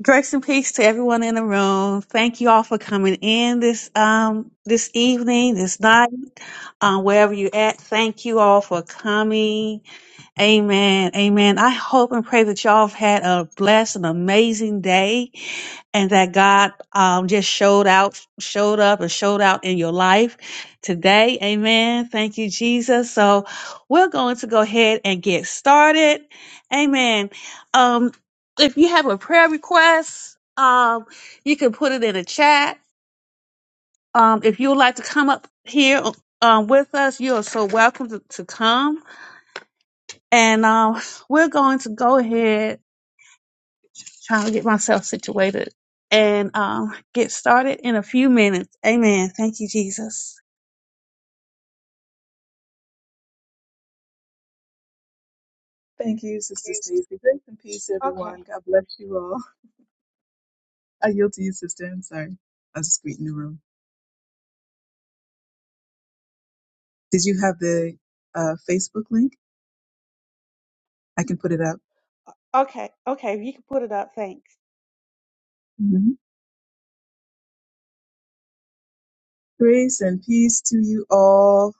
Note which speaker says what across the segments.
Speaker 1: Grace and peace to everyone in the room. Thank you all for coming in this um this evening, this night, um, wherever you're at. Thank you all for coming. Amen. Amen. I hope and pray that y'all have had a blessed and amazing day and that God um, just showed out, showed up, and showed out in your life today. Amen. Thank you, Jesus. So we're going to go ahead and get started. Amen. Um, if you have a prayer request, um, you can put it in the chat. Um, if you would like to come up here um, with us, you are so welcome to, to come. And um, we're going to go ahead trying to get myself situated and um, get started in a few minutes. Amen. Thank you, Jesus.
Speaker 2: Thank you, Sister
Speaker 1: Jesus.
Speaker 2: Stacy. Grace and peace,
Speaker 1: Okay.
Speaker 2: everyone. God bless you all. I yield to you, Sister. I'm sorry. I was just greeting the room. Did you have the uh, Facebook link? I can put it up.
Speaker 1: Okay. Okay. If you can put it up, thanks.
Speaker 2: hmm Grace and peace to you all.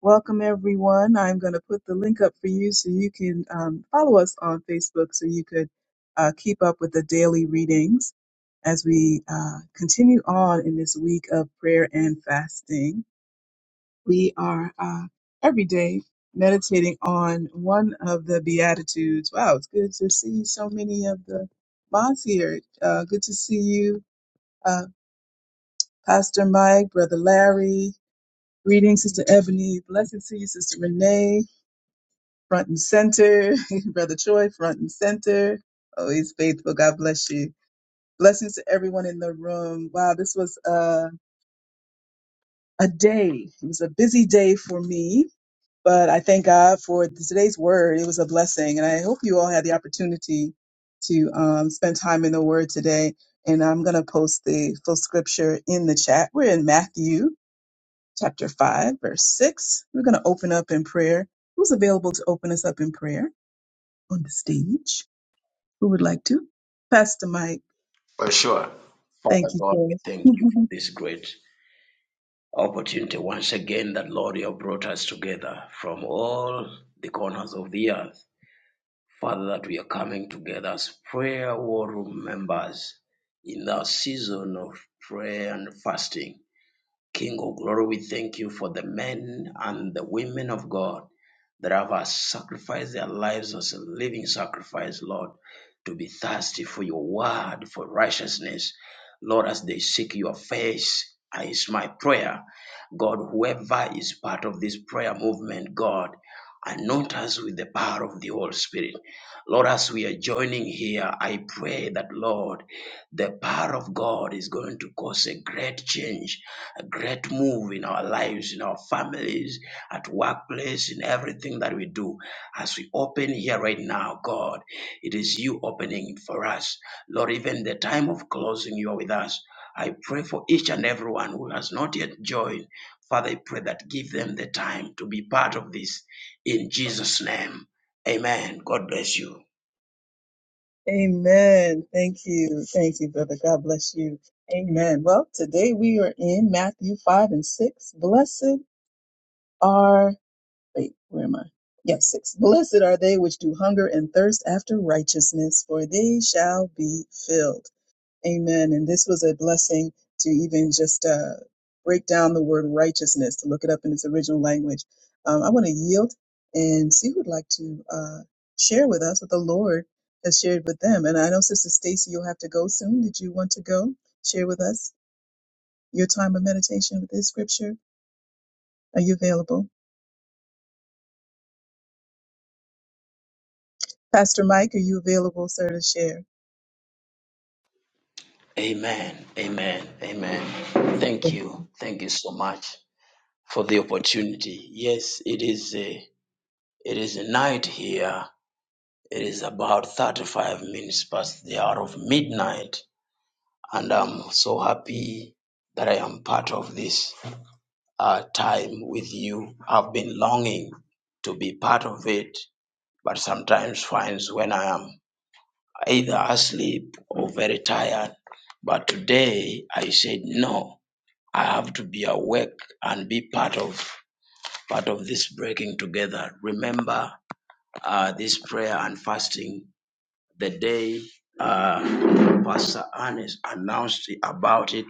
Speaker 2: Welcome, everyone. I'm going to put the link up for you so you can um, follow us on Facebook so you could uh, keep up with the daily readings as we uh, continue on in this week of prayer and fasting. We are uh, every day meditating on one of the Beatitudes. Wow, it's good to see so many of the moms here. Uh, good to see you, uh, Pastor Mike, Brother Larry. Greetings, Sister Ebony. Blessed to see you, Sister Renee, front and center. Brother Troy, front and center. Always faithful. God bless you. Blessings to everyone in the room. Wow, this was uh, a day. It was a busy day for me But I thank God for today's word. It was a blessing. And I hope you all had the opportunity to um, spend time in the word today. And I'm going to post the full scripture in the chat. We're in Matthew chapter 5, verse 6. We're going to open up in prayer. Who's available to open us up in prayer on the stage? Who would like to? Pastor Mike.
Speaker 3: For sure. Father
Speaker 2: Thank you,
Speaker 3: God, we thank
Speaker 2: Joe.
Speaker 3: you for this great opportunity once again that, Lord, you have brought us together from all the corners of the earth. Father, that we are coming together as prayer war room members in the season of prayer and fasting. King of glory, we thank you for the men and the women of God that have sacrificed their lives as a living sacrifice, Lord, to be thirsty for your word, for righteousness. Lord, as they seek your face, uh, is my prayer. God, whoever is part of this prayer movement, God, anoint us with the power of the Holy Spirit. Lord, as we are joining here, I pray that, Lord, the power of God is going to cause a great change, a great move in our lives, in our families, at workplace, in everything that we do. As we open here right now, God, it is you opening for us. Lord, even the time of closing, you are with us. I pray for each and everyone who has not yet joined. Father, I pray that give them the time to be part of this in Jesus' name. Amen. God bless you.
Speaker 2: Amen. Thank you. Thank you, brother. God bless you. Amen. Well, today we are in Matthew 5 and 6. Blessed are, wait, where am I? Yes, 6. Blessed are they which do hunger and thirst after righteousness, for they shall be filled. Amen. And this was a blessing to even just uh, break down the word righteousness, to look it up in its original language. Um, I want to yield and see who would like to uh, share with us what the Lord has shared with them. And I know, Sister Stacy, you'll have to go soon. Did you want to go share with us your time of meditation with this scripture? Are you available? Pastor Mike, are you available, sir, to share?
Speaker 3: Amen. Amen. Amen. Thank you. Thank you so much for the opportunity. Yes, it is a it is a night here. It is about 35 minutes past the hour of midnight and I'm so happy that I am part of this uh, time with you. I've been longing to be part of it, but sometimes finds when I am either asleep or very tired. But today I said no. I have to be awake and be part of part of this breaking together. Remember uh, this prayer and fasting. The day uh, Pastor Ernest announced about it,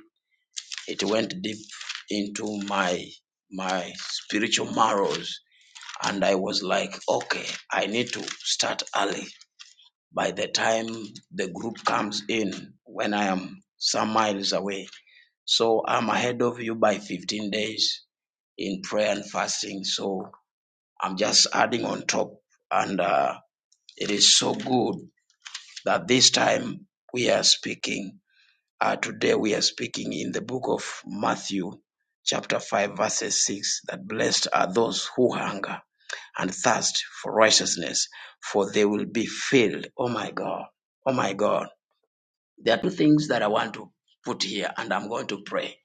Speaker 3: it went deep into my my spiritual marrows, and I was like, okay, I need to start early. By the time the group comes in, when I am some miles away, so I'm ahead of you by 15 days in prayer and fasting. So I'm just adding on top. And uh, it is so good that this time we are speaking. Uh, today we are speaking in the book of Matthew, chapter 5, verses 6 that blessed are those who hunger and thirst for righteousness, for they will be filled. Oh my God. Oh my God. There are two things that I want to put here, and I'm going to pray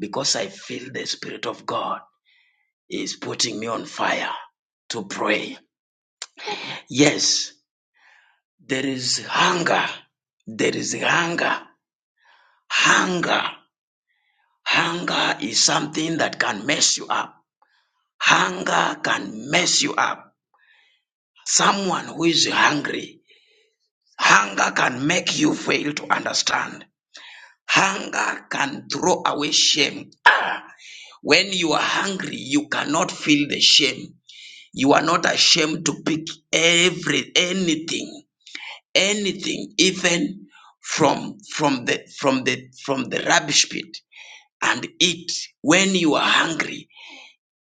Speaker 3: because I feel the Spirit of God is putting me on fire to pray. Yes, there is hunger. There is hunger. Hunger. Hunger is something that can mess you up. Hunger can mess you up. Someone who is hungry, hunger can make you fail to understand. Hunger can throw away shame. When you are hungry, you cannot feel the shame. You are not ashamed to pick every anything anything, even from from the from the from the rubbish pit, and eat. When you are hungry,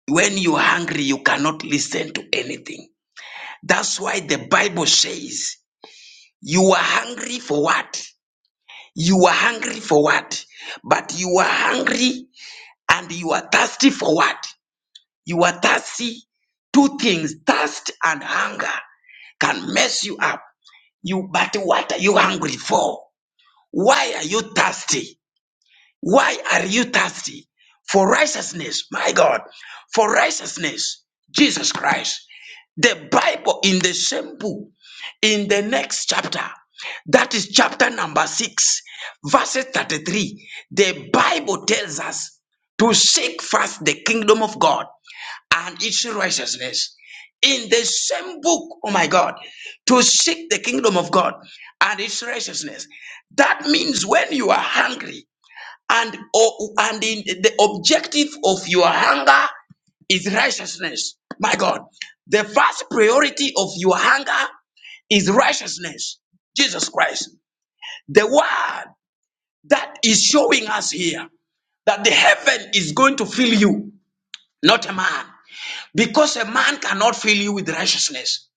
Speaker 3: when you are hungry, you cannot listen to anything. That's why the Bible says, "You are hungry for what? You are hungry for what? But you are hungry and you are thirsty for what? You are thirsty. Two things: thirst and hunger can mess you up. You, but what are you hungry for? Why are you thirsty? Why are you thirsty for righteousness? My God, for righteousness, Jesus Christ. The Bible in the same book, in the next chapter, that is chapter number six, verses 33. The Bible tells us to seek first the kingdom of God and its righteousness. In the same book, oh my God, to seek the kingdom of God and its righteousness. That means when you are hungry, and oh, and in the objective of your hunger is righteousness my god the first priority of your hunger is righteousness jesus christ the word that is showing us here that the heaven is going to fill you not a man because a man cannot fill you with righteousness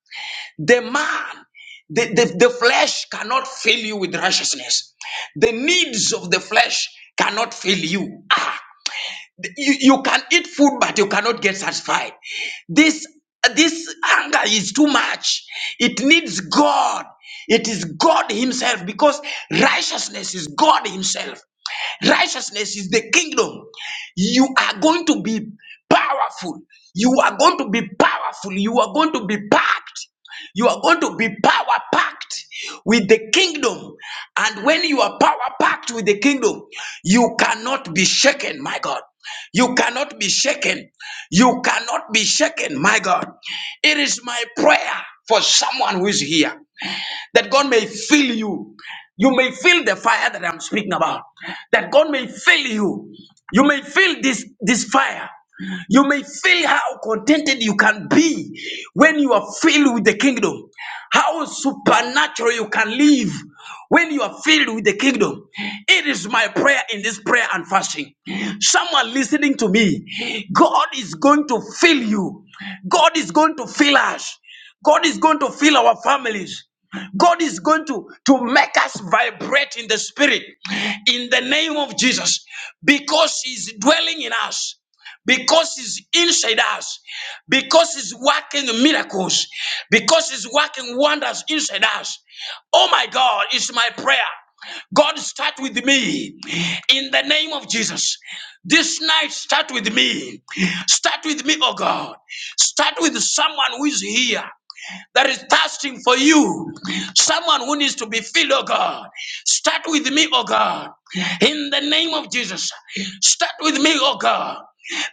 Speaker 3: the man the, the, the flesh cannot fill you with righteousness. The needs of the flesh cannot fill you. Ah, you, you can eat food but you cannot get satisfied this this anger is too much it needs god it is god himself because righteousness is god himself righteousness is the kingdom you are going to be powerful you are going to be powerful you are going to be packed you are going to be power packed with the kingdom. And when you are power packed with the kingdom, you cannot be shaken, my God. You cannot be shaken. You cannot be shaken, my God. It is my prayer for someone who is here that God may fill you. You may feel the fire that I'm speaking about. That God may fill you. You may feel this, this fire. You may feel how contented you can be when you are filled with the kingdom. How supernatural you can live when you are filled with the kingdom. It is my prayer in this prayer and fasting. Someone listening to me, God is going to fill you. God is going to fill us. God is going to fill our families. God is going to, to make us vibrate in the spirit in the name of Jesus because He's dwelling in us, because He's inside us, because He's working miracles, because He's working wonders inside us. Oh my God, it's my prayer. God, start with me in the name of Jesus. This night, start with me. Start with me, oh God. Start with someone who is here that is thirsting for you, someone who needs to be filled, oh God, start with me, oh God, in the name of Jesus. Start with me, oh God.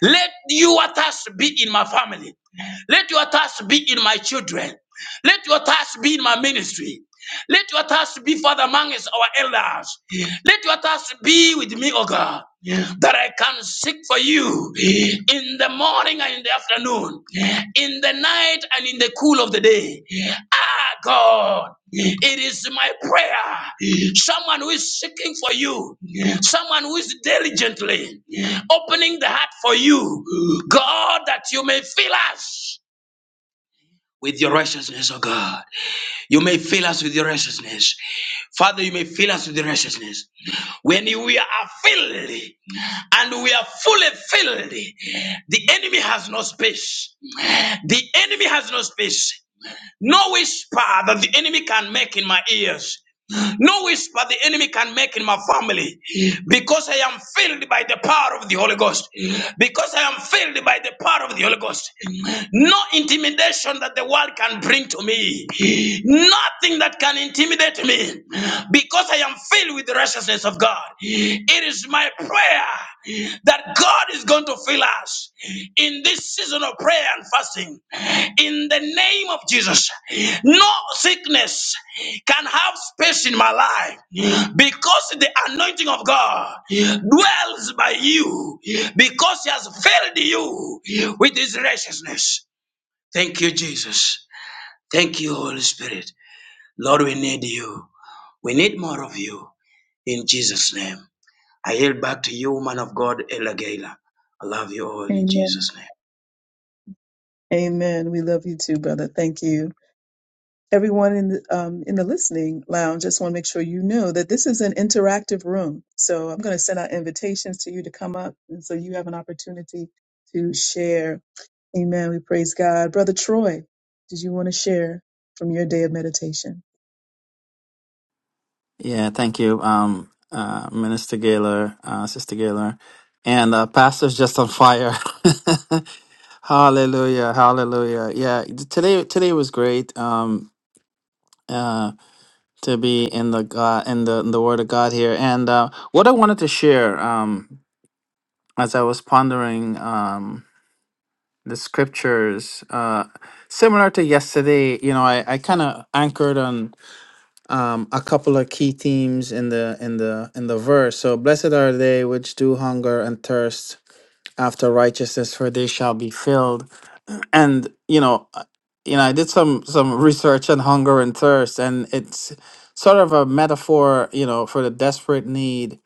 Speaker 3: Let your thirst be in my family. Let your thirst be in my children. Let your thirst be in my ministry. Let your thirst be, Father, amongst our elders. Let your thirst be with me, Oh God, that I can seek for you in the morning and in the afternoon in the night and in the cool of the day. Ah, God, it is my prayer. Someone who is seeking for you, someone who is diligently opening the heart for you, God, that you may fill us with your righteousness, oh God. You may fill us with your righteousness. Father, you may fill us with your righteousness. When we are filled and we are fully filled, the enemy has no space. The enemy has no space. No whisper that the enemy can make in my ears. No whisper the enemy can make in my family because I am filled by the power of the Holy Ghost. Because I am filled by the power of the Holy Ghost. No intimidation that the world can bring to me. Nothing that can intimidate me because I am filled with the righteousness of God. It is my prayer that God is going to fill us in this season of prayer and fasting in the name of Jesus. No sickness can have space in my life because the anointing of God dwells by you because He has filled you with His righteousness. Thank you, Jesus. Thank you, Holy Spirit. Lord, we need you. We need more of you in Jesus' name. I yield back to you, man of God, Elagela. I love you all in
Speaker 2: Amen.
Speaker 3: Jesus' name.
Speaker 2: Amen. We love you too, brother. Thank you. everyone in the, um, in the listening lounge, just want to make sure you know that this is an interactive room. So I'm going to send out invitations to you to come up, and so you have an opportunity to share. Amen. We praise God, brother Troy. Did you want to share from your day of meditation?
Speaker 4: Yeah, thank you, um, uh, Minister Gaylor, uh, Sister Gaylor, and uh, Pastor's just on fire. hallelujah, hallelujah. Yeah, today today was great um, uh, to be in the God in the in the Word of God here. And uh, what I wanted to share um, as I was pondering um, the scriptures, uh, similar to yesterday, you know, I, I kind of anchored on. um, a couple of key themes in the in the in the verse. So blessed are they which do hunger and thirst after righteousness, for they shall be filled. And you know, uh, you know, I did some some research on hunger and thirst, and it's sort of a metaphor, you know, for the desperate need.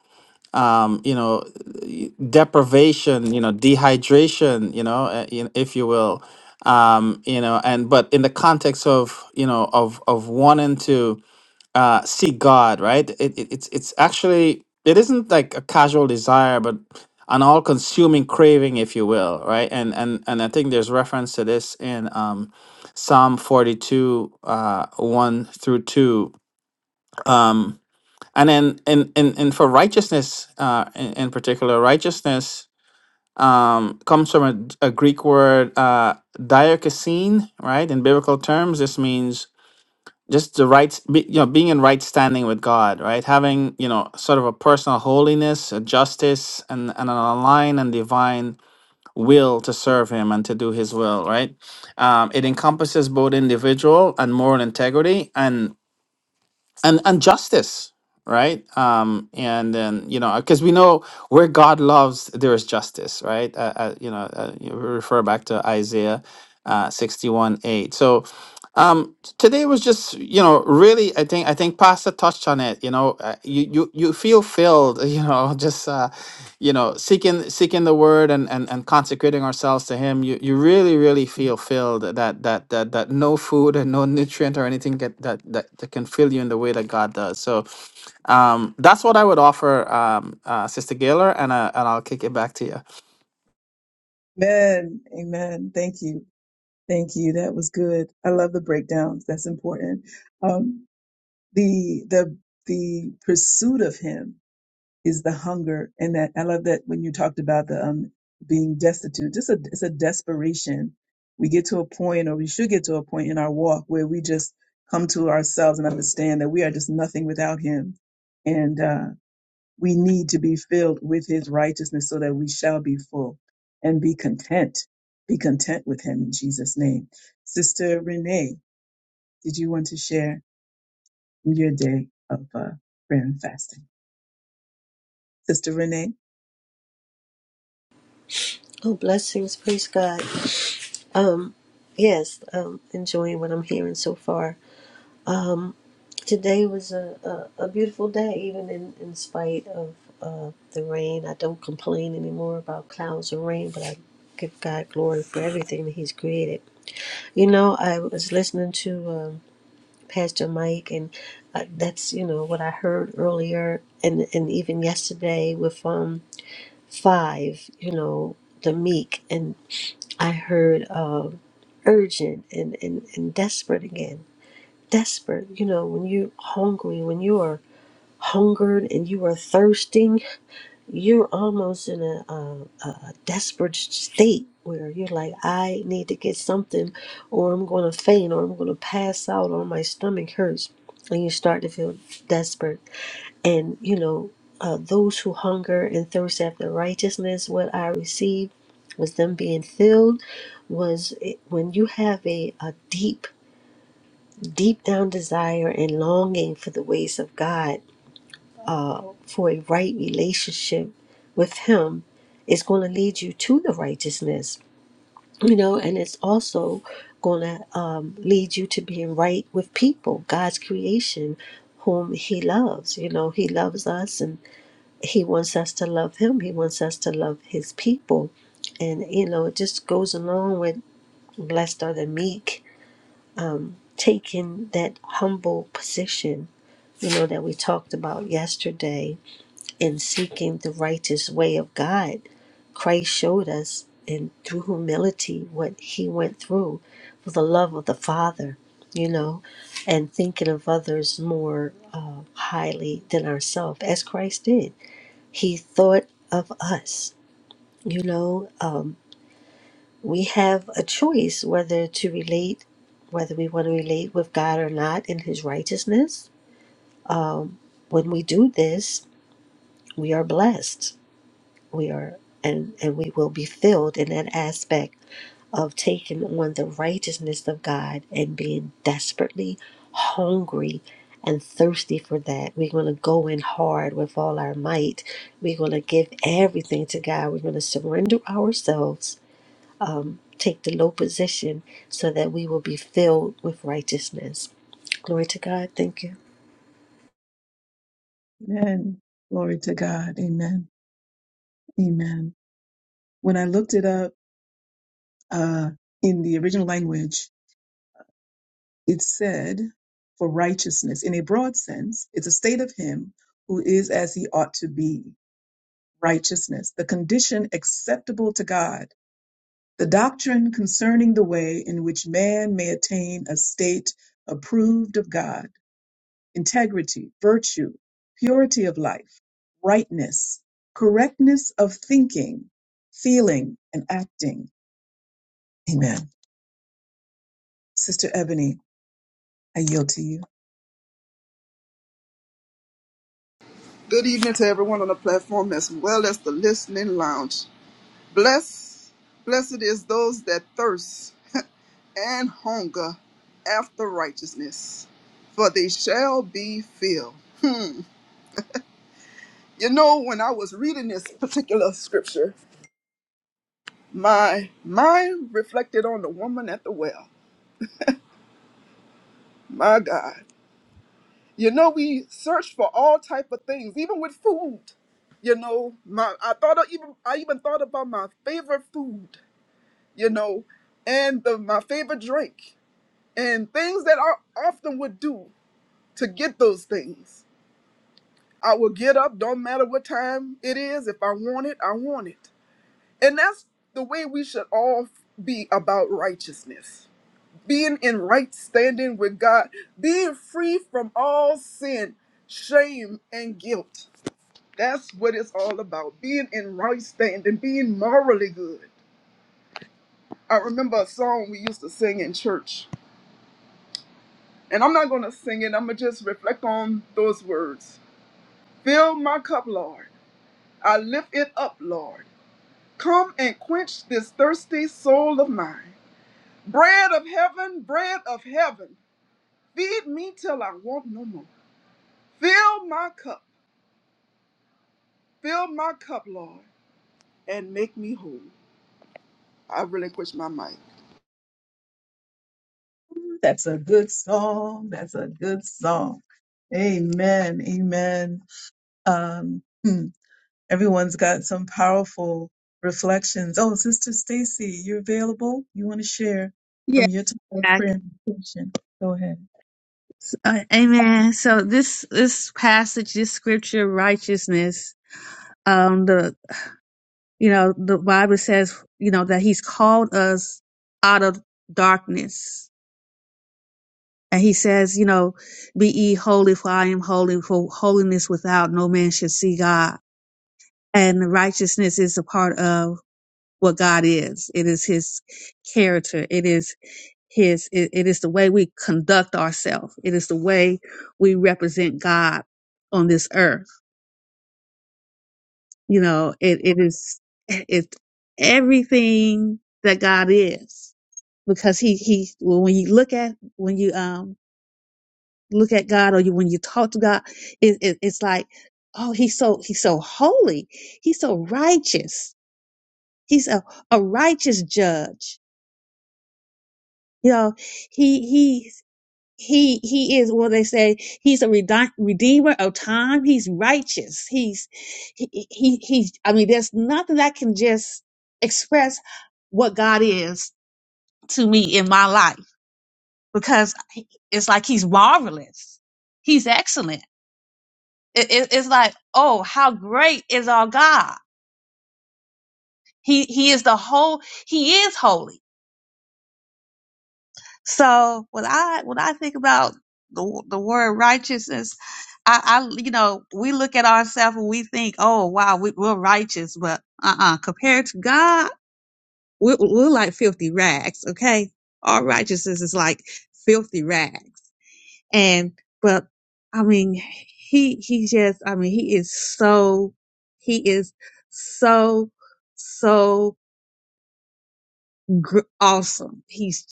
Speaker 4: Um, you know, y- deprivation, you know, dehydration, you know, uh, y- if you will, um, you know, and but in the context of you know of of wanting to uh see God, right? It, it it's it's actually it isn't like a casual desire, but an all-consuming craving, if you will, right? And and and I think there's reference to this in um Psalm 42, uh 1 through 2. Um and then in in, in for righteousness, uh in, in particular, righteousness um comes from a, a Greek word uh diakosine, right? In biblical terms, this means just the right be, you know being in right standing with god right having you know sort of a personal holiness a justice and, and an aligned and divine will to serve him and to do his will right um, it encompasses both individual and moral integrity and and and justice right um and then you know because we know where god loves there is justice right uh, uh, you know uh, you refer back to isaiah uh, 61 8 so um, t- today was just you know really I think I think Pastor touched on it. You know, uh, you you you feel filled. You know, just uh, you know seeking seeking the Word and and and consecrating ourselves to Him. You you really really feel filled that that that that no food and no nutrient or anything that that that, that can fill you in the way that God does. So, um, that's what I would offer, um, uh, Sister Gaylor, and uh, and I'll kick it back to you.
Speaker 2: Amen. Amen. Thank you. Thank you. That was good. I love the breakdowns. That's important. Um, the the the pursuit of Him. is the hunger and that I love that when you talked about the um being destitute, just a it's a desperation. We get to a point or we should get to a point in our walk where we just come to ourselves and understand that we are just nothing without him. And uh we need to be filled with his righteousness so that we shall be full and be content. Be content with him in Jesus' name. Sister Renee, did you want to share your day of uh, prayer and fasting? Sister Renee?
Speaker 5: Oh, blessings. Praise God. Yes, um, enjoying what I'm hearing so far. Today was a, a, a beautiful day, even in, in spite of uh, the rain. I don't complain anymore about clouds and rain, but I give God glory for everything that He's created. You know, I was listening to um, Pastor Mike, and uh, that's, you know, what I heard earlier and, and even yesterday with um, Five, you know, the meek. And I heard. Um, urgent and, and, and desperate again. Desperate, you know, when you're hungry, when you are hungered and you are thirsting, you're almost in a, a, a desperate state where you're like, I need to get something, or I'm going to faint, or I'm going to pass out, or my stomach hurts. And you start to feel desperate and you know uh, those who hunger and thirst after righteousness what i received was them being filled was it, when you have a, a deep deep down desire and longing for the ways of god uh, for a right relationship with him is going to lead you to the righteousness you know and it's also going to um, lead you to being right with people god's creation whom he loves you know he loves us and he wants us to love him he wants us to love his people and you know it just goes along with blessed are the meek taking that humble position you know that we talked about yesterday and seeking the righteous way of god christ showed us and through humility what he went through for the love of the father you know and thinking of others more uh, highly than ourselves as christ did he thought of us You know, um, we have a choice whether to relate, whether we want to relate with God or not in His righteousness. When we do this, we are blessed. We are, and, and we will be filled in that aspect of taking on the righteousness of God and being desperately hungry and thirsty for that. We're going to go in hard with all our might. We're going to give everything to God. We're going to surrender ourselves take the low position so that we will be filled with righteousness. Glory to God. Thank you.
Speaker 2: Amen. Glory to God. Amen. Amen. When I looked it up uh, in the original language, it said for righteousness. In a broad sense, it's a state of him who is as he ought to be. Righteousness, the condition acceptable to God, the doctrine concerning the way in which man may attain a state approved of God integrity, virtue, purity of life, rightness, correctness of thinking, feeling, and acting. Amen. Sister Ebony, I yield to you.
Speaker 6: Good evening to everyone on the platform as well as the listening lounge. Bless, blessed is those that thirst and hunger after righteousness, for they shall be filled. You know, when I was reading this particular scripture, my mind reflected on the woman at the well. My God. You know, we search for all type of things, even with food. You know, my I thought of even I even thought about my favorite food you know, and the, my favorite drink, and things that I often would do to get those things. I will get up, don't matter what time it is. If I want it, I want it. And that's the way we should all be about righteousness being in right standing with God, being free from all sin, shame, and guilt. That's what it's all about being in right standing, being morally good. I remember a song we used to sing in church And I'm not going to sing it, I'm going to just reflect on those words. Fill my cup, Lord. I lift it up, Lord. Come and quench this thirsty soul of mine. Bread of heaven, bread of heaven, feed me till I want no more. Fill my cup, fill my cup, Lord, and make me whole. I relinquish my mic.
Speaker 2: Ooh, That's a good song. That's a good song. Amen. Amen. Um, hmm, everyone's got some powerful reflections. Oh, Sister Stacy, you're available. You want to share
Speaker 1: Yeah.
Speaker 2: from your time of
Speaker 1: Back.
Speaker 2: prayer and meditation. Go ahead.
Speaker 1: Uh, amen. So this this passage, this scripture, righteousness. Um, the you know the Bible says you know that He's called us out of darkness, and He says you know, be ye holy, for I am holy. For holiness without no man should see God. and righteousness is a part of what God is. It is his character. It is his, it, it is the way we conduct ourselves. It is the way we represent God on this earth. You know, it, it is, it's everything that God is because he, he, well, when you look at, when you, um, look at God or you, when you talk to God, it, it, it's like, Oh, he's so, he's so holy. He's so righteous He's a, a righteous judge. You know, he, he, he, he is what they say. He's a redi- redeemer of time. He's righteous. He's, he, he, he, I mean, there's nothing that can just express what God is to me in my life because it's like he's marvelous. He's excellent. It, it, it's like, oh, how great is our God. He, he is the whole, he is holy So when I when I think about the the word righteousness, I, I you know we look at ourselves and we think, oh wow, we, we're righteous, but uh uh compared to God, we're, we're like filthy rags. Okay, our righteousness is like filthy rags, and but I mean he he just I mean he is so he is so so gr- awesome. He's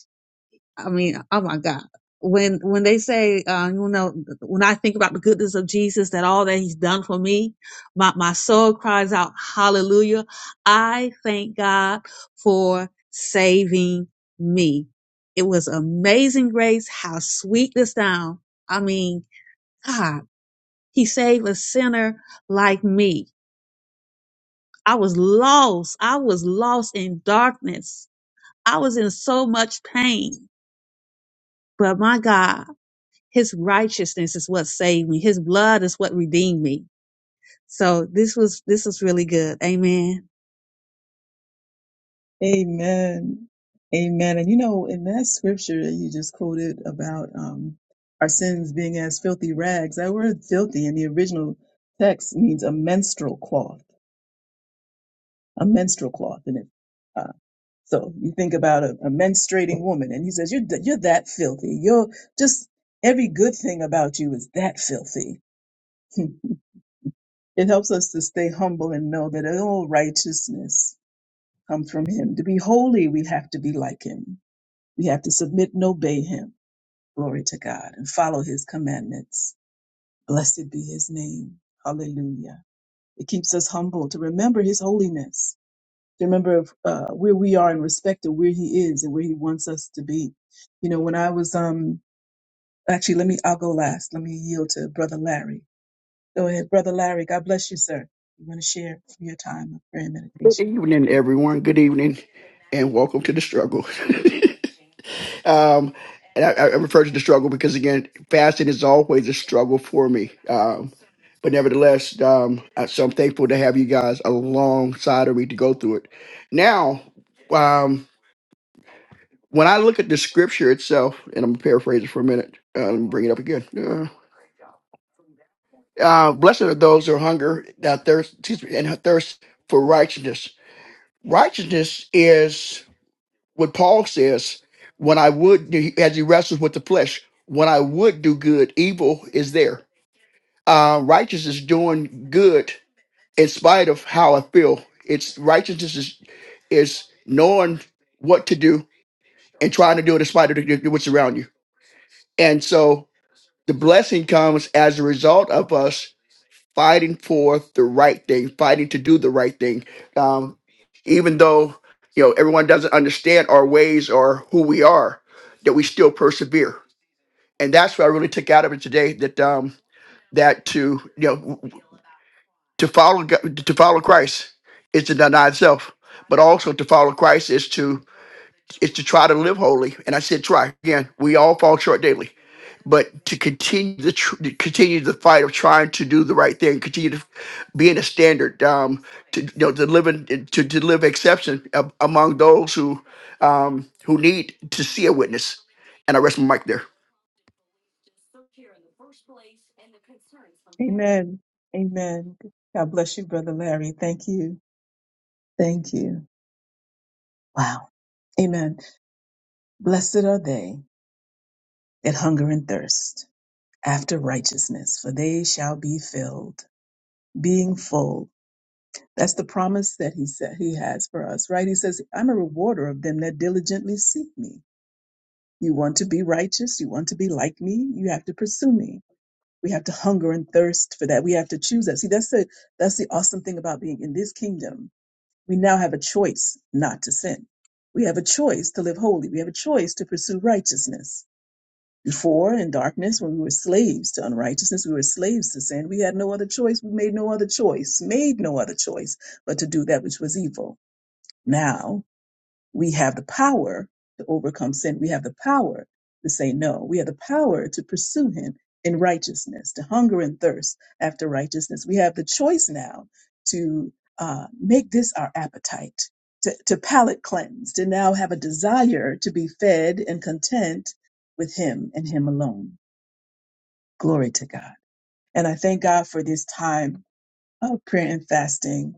Speaker 1: I mean, oh my God. When when they say, uh, you know, when I think about the goodness of Jesus, that all that He's done for me, my my soul cries out, Hallelujah! I thank God for saving me. It was amazing grace. How sweet this sound! I mean, God, He saved a sinner like me. I was lost. I was lost in darkness. I was in so much pain, but my God. His righteousness is what saved me. His blood is what redeemed me. So this was this was really good. Amen.
Speaker 2: Amen. Amen. And you know, in that scripture that you just quoted about um, our sins being as filthy rags, that word filthy in the original text means a menstrual cloth, a menstrual cloth. And it, uh, so you think about a, a menstruating woman and he says, you're, th- you're that filthy. You're just every good thing about you is that filthy. Hmm. It helps us to stay humble and know that all righteousness comes from him. To be holy, we have to be like him We have to submit and obey him. Glory to God and follow his commandments. Blessed be his name. Hallelujah. It keeps us humble to remember his holiness, to remember uh, where we are in respect to where he is and where he wants us to be. You know, when I was, um, actually, let me, I'll go last. Let me yield to Brother Larry. Go ahead, Brother Larry. God bless you, sir. You want to share from your time of prayer and
Speaker 7: Good
Speaker 2: meditation?
Speaker 7: evening, everyone. Good evening, and welcome to the struggle. um, and I, I refer to the struggle because again, fasting is always a struggle for me. Um, but nevertheless, um, I- so I'm thankful to have you guys alongside of me to go through it. Now, um, when I look at the scripture itself, and I'm paraphrasing for a minute, uh, let me bring it up again. Uh, uh, blessed are those who hunger, that thirst, excuse me, and thirst for righteousness. Righteousness is what Paul says, when I would, do- as he wrestles with the flesh, when I would do good, evil is there. Uh, righteousness is doing good in spite of how I feel. It's righteousness is is knowing what to do and trying to do it in spite of the, what's around you. And so the blessing comes as a result of us fighting for the right thing, fighting to do the right thing. Um, even though you know everyone doesn't understand our ways or who we are, that we still persevere. And that's what I really took out of it today. That um, that to you know w- w- to follow Go- to follow Christ is to deny itself, but also to follow Christ is to is to try to live holy. And I said, try again. We all fall short daily, but to continue the tr- to continue the fight of trying to do the right thing, continue to being a standard um, to you know to live in, to to live exception a- among those who um, who need to see a witness. And I rest my mic there.
Speaker 2: Amen. Amen. God bless you, Brother Larry. Thank you. Thank you. Wow. Amen. Blessed are they that hunger and thirst after righteousness, for they shall be filled. Being full, that's the promise that he said he has for us, right? He says, "I'm a rewarder of them that diligently seek me." You want to be righteous, you want to be like me, you have to pursue me. We have to hunger and thirst for that. We have to choose that. See, that's the that's the awesome thing about being in this kingdom. We now have a choice not to sin. We have a choice to live holy. We have a choice to pursue righteousness. Before in darkness, when we were slaves to unrighteousness, we were slaves to sin. We had no other choice. We made no other choice, made no other choice but to do that which was evil. Now we have the power to overcome sin. We have the power to say no. We have the power to pursue Him in righteousness, to hunger and thirst after righteousness. We have the choice now to uh, make this our appetite, to, to palate cleanse, to now have a desire to be fed and content with Him and Him alone. Glory to God. And I thank God for this time of prayer and fasting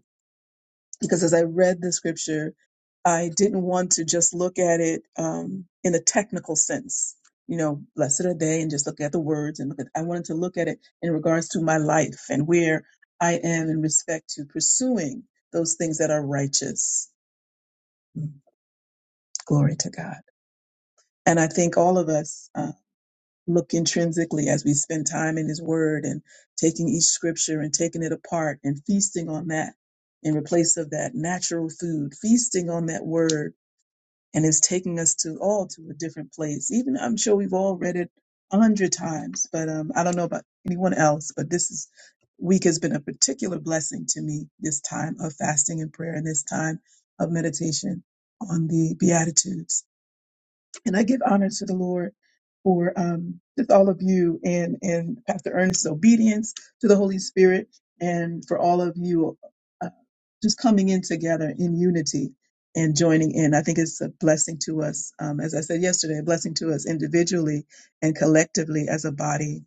Speaker 2: because as I read the scripture, I didn't want to just look at it um, in a technical sense, you know, blessed are they, and just look at the words. And look at, I wanted to look at it in regards to my life and where I am in respect to pursuing those things that are righteous. Mm, Glory to God. And I think all of us. look intrinsically as we spend time in his word and taking each scripture and taking it apart and feasting on that in replace of that natural food feasting on that word and it's taking us to all to a different place even i'm sure we've all read it a hundred times but um, i don't know about anyone else but this is week has been a particular blessing to me this time of fasting and prayer and this time of meditation on the beatitudes and I give honor to the Lord for um, just all of you and, and Pastor Ernest's obedience to the Holy Spirit and for all of you uh, just coming in together in unity and joining in. I think it's a blessing to us, um, as I said yesterday, a blessing to us individually and collectively as a body.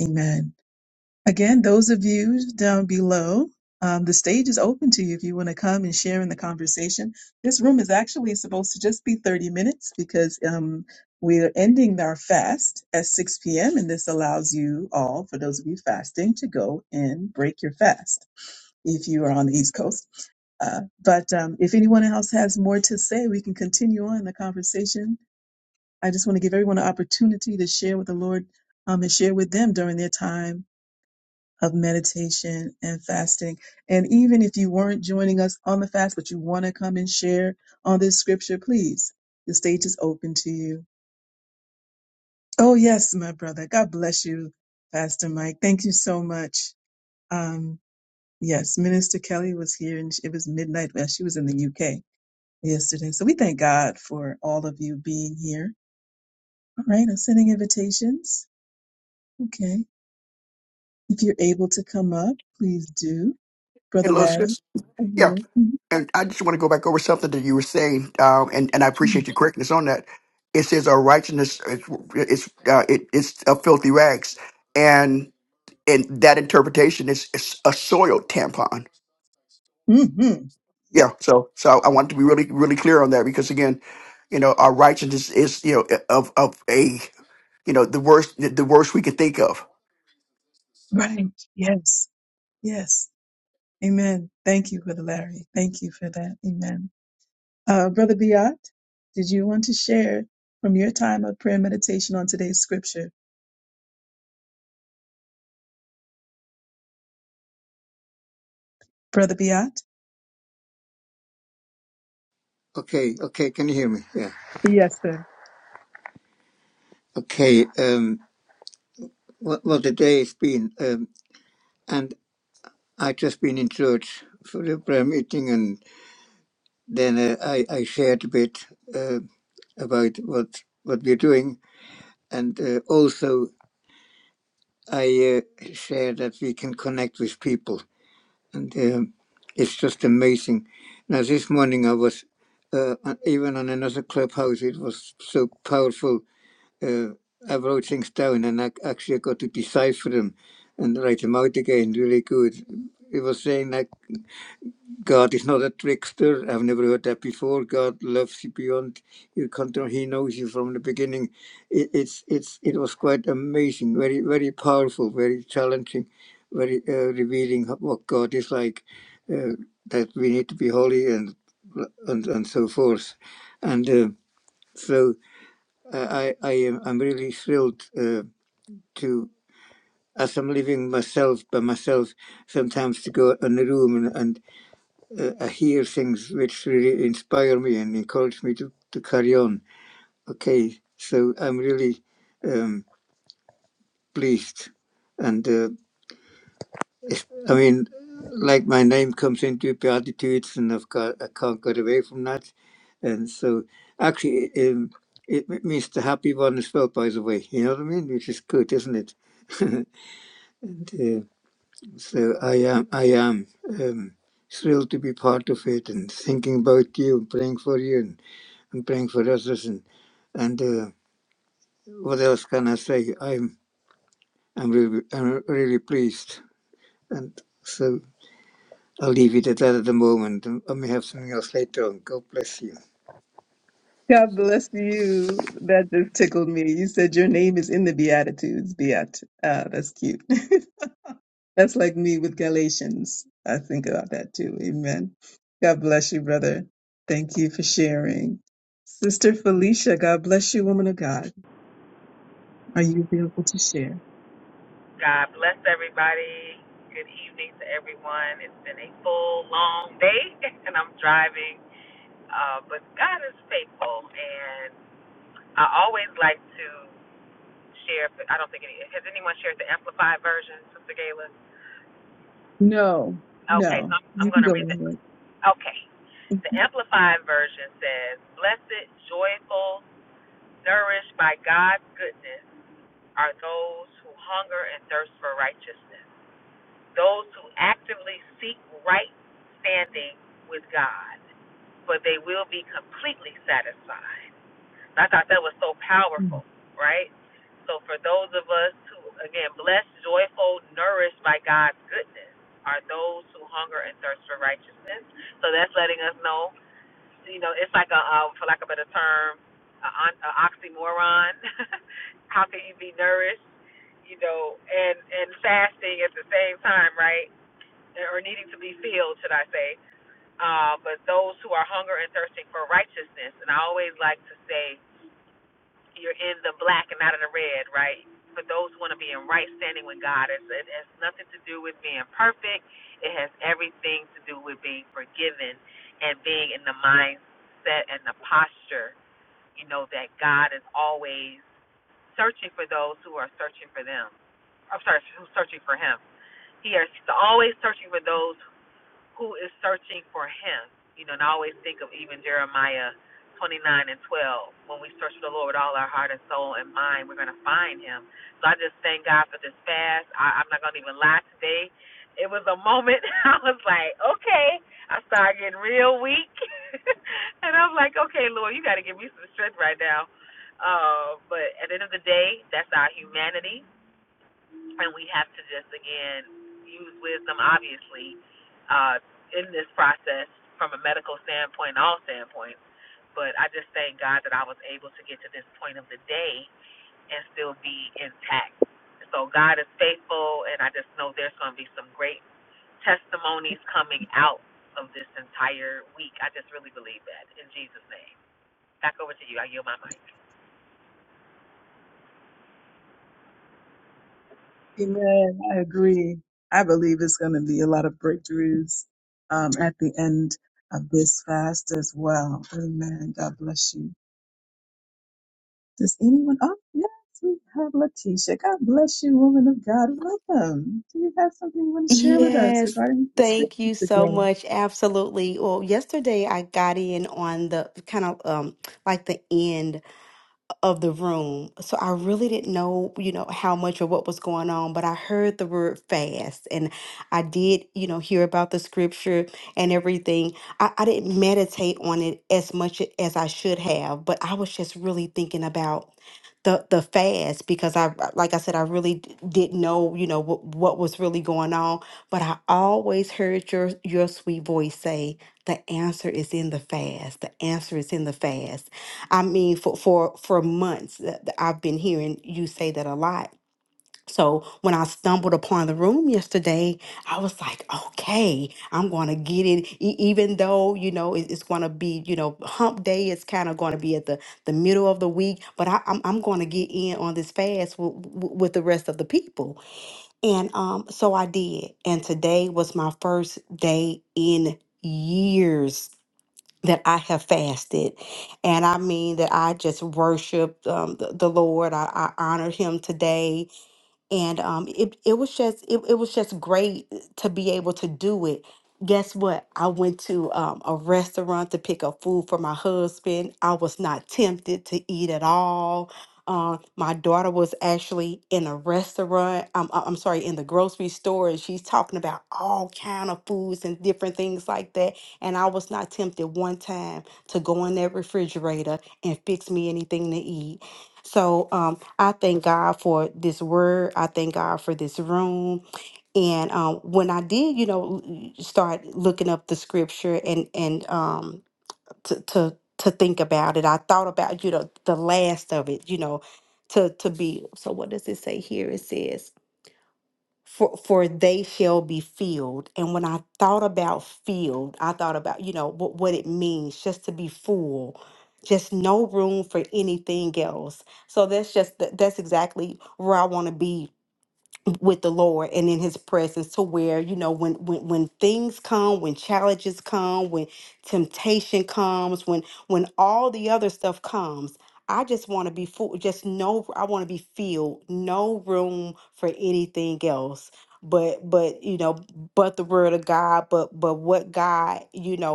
Speaker 2: Amen. Again, those of you down below, um, the stage is open to you if you want to come and share in the conversation. This room is actually supposed to just be 30 minutes because um, we are ending our fast at 6 p.m. And this allows you all, for those of you fasting, to go and break your fast if you are on the East Coast. Uh, but um, if anyone else has more to say, we can continue on the conversation. I just want to give everyone an opportunity to share with the Lord um, and share with them during their time of meditation and fasting. And even if you weren't joining us on the fast, but you want to come and share on this scripture, please, the stage is open to you. Oh, yes, my brother. God bless you, Pastor Mike. Thank you so much. Um, yes, Minister Kelly was here and it was midnight. Well, she was in the UK yesterday. So we thank God for all of you being here. All right, I'm sending invitations. Okay. If you're able to come up, please do.
Speaker 7: And
Speaker 2: Brother
Speaker 7: little
Speaker 2: Larry,
Speaker 7: sis,
Speaker 2: I
Speaker 7: yeah.
Speaker 2: yield. Mm-hmm.
Speaker 7: And I just want to go back over something that you were saying, um, and and I appreciate your correctness on that. It says our righteousness is it's uh, it, it's a filthy rags, and and that interpretation is, is a soiled tampon.
Speaker 2: Mm-hmm. Yep.
Speaker 7: Yeah. So so I want to be really really clear on that because again, you know, our righteousness is you know of of a you know the worst the worst we could think of.
Speaker 2: Right. Yes. Yes. Amen. Thank you, Brother Larry. Thank you for that. Amen. Uh, Brother Biot, did you want to share from your time of prayer meditation on today's scripture? Brother Biot?
Speaker 8: Okay, okay, can you hear me? Yeah.
Speaker 2: Yes, sir.
Speaker 8: Okay, um, what, what a day it's been. Um, and I just been in church for the prayer meeting, and then uh, I, I shared a bit uh, about what what we're doing, and uh, also I uh, share that we can connect with people, and um, it's just amazing. Now this morning I was uh, on- even on another clubhouse. It was so powerful uh, I wrote things down and I actually got to decipher them and write them out again really good. It was saying that God is not a trickster. I've never heard that before. God loves you beyond your control. He knows you from the beginning. It, it's it's it was quite amazing, very very powerful, very challenging, very uh, revealing what God is like. Uh, that we need to be holy and and and so forth, and uh, so I I I am I'm really thrilled. Uh, to as I'm living myself by myself, sometimes to go in the room and, and uh, I hear things which really inspire me and encourage me to, to carry on. Okay, so I'm really um, pleased. And uh, it's- I mean, like my name comes into Beatitudes, and I've got, I can't get away from that. And so actually, um, it m- means the happy one as well, by the way. You know what I mean? Which is good, isn't it? and, uh, So I am, I am um, thrilled to be part of it and thinking about you and praying for you and, and praying for others. And, and uh, what else can I say? I'm, I'm really, I'm really pleased. And so I'll leave it at that at the moment. and I may have something else later on. God bless you.
Speaker 2: God bless you. That just tickled me. You said your name is in the Beatitudes, Beat. Uh, that's cute. That's like me with Galatians. I think about that too. Amen. God bless you, brother. Thank you for sharing. Sister Felicia, God bless you, woman of God. Are you available to share?
Speaker 9: God bless everybody. Good evening to everyone. It's been a full, long day, and I'm driving. Uh, but God is faithful, and I always like to share. I don't think any, has anyone shared the amplified version, Sister Gayla.
Speaker 2: No,
Speaker 9: Okay, so
Speaker 2: no,
Speaker 9: I'm, I'm
Speaker 2: you can
Speaker 9: going
Speaker 2: go
Speaker 9: to read the.
Speaker 2: ahead.
Speaker 9: Okay, the amplified version says, "Blessed, joyful, nourished by God's goodness are those who hunger and thirst for righteousness." those who actively seek right standing with God, for they will be completely satisfied. And I thought that was so
Speaker 2: Mhm.
Speaker 9: powerful, right? So for those of us who, again, blessed, joyful, nourished by God's goodness, are those who hunger and thirst for righteousness. So that's letting us know, you know, it's like a, uh, for lack of a better term, a, on- a oxymoron. How can you be nourished, you know, and and fasting at the same time, right? or needing to be filled, should I say, uh, but those who are hunger and thirsting for righteousness. And I always like to say, you're in the black and not in the red, right? For those who want to be in right standing with God, it's, it has nothing to do with being perfect. It has everything to do with being forgiven and being in the mindset and the posture, you know, that God is always searching for those who are searching for them. I'm sorry, who's searching for Him. He is always searching for those who is searching for him. You know, and I always think of even Jeremiah 29 and 12. When we search for the Lord with all our heart and soul and mind, we're going to find him. So I just thank God for this fast. I, I'm not going to even lie today. It was a moment I was like, okay. I started getting real weak. and I'm like, okay, Lord, you got to give me some strength right now. Uh, but at the end of the day, that's our humanity and we have to just again use wisdom obviously uh in this process from a medical standpoint all standpoints but i just thank god that i was able to get to this point of the day and still be intact so god is faithful and i just know there's going to be some great testimonies coming out of this entire week i just really believe that in jesus name back over to you i yield my mic
Speaker 2: Amen. I agree. I believe it's going to be a lot of breakthroughs um, at the end of this fast as well. Amen. God bless you. Does anyone? Oh, yes, we have Letitia. God bless you, woman of God. Welcome. Do you have something you want to share with us
Speaker 10: Yes,
Speaker 2: regarding the
Speaker 10: thank
Speaker 2: scriptures
Speaker 10: you so
Speaker 2: today?
Speaker 10: much. Absolutely. Well, yesterday I got in on the kind of um like the end of the room. So I really didn't know, you know, how much or what was going on, but I heard the word fast and I did, you know, hear about the scripture and everything. I, I didn't meditate on it as much as I should have, but I was just really thinking about the the fast because I like I said I really d- didn't know you know what what was really going on but I always heard your your sweet voice say the answer is in the fast the answer is in the fast I mean, for for for months, that that I've been hearing you say that a lot. So when I stumbled upon the room yesterday, I was like, okay, I'm going to get it, E- even though you know it- it's going to be you know Hump Day It's kind of going to be at the the middle of the week, but I, I'm I'm going to get in on this fast with, with the rest of the people, and um, so I did, and today was my first day in years that I have fasted. And I mean that I just worshiped um, the, the Lord. I, I honored him today and um it it was just it, it was just great to be able to do it guess what i went to um, a restaurant to pick up food for my husband i was not tempted to eat at all um, my daughter was actually in a restaurant um, I- i'm sorry in the grocery store and she's talking about all kind of foods and different things like that and i was not tempted one time to go in that refrigerator and fix me anything to eat so um, I thank God for this word. I thank God for this room. And um, when I did, you know, l- start looking up the scripture and and um, to to to think about it, I thought about you know the last of it, you know, to to be. So what does it say here? It says for for they shall be filled and when i thought about filled i thought about you know what, what it means just to be full just no room for anything else so that's just th- that's exactly where i want to be with the Lord and in his presence to where, you know, when when when things come, when challenges come, when temptation comes, when when all the other stuff comes, I just want to be full, just no I want to be filled, no room for anything else. But but you know, but the word of God, but but what God, you know,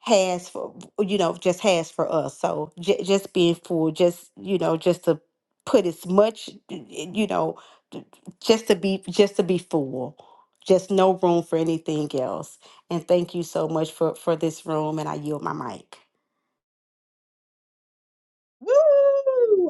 Speaker 10: has for you know just has for us so j- just being full just you know just to put as much you know just to be just to be full just no room for anything else and thank you so much for for this room and i yield my mic
Speaker 2: Woo!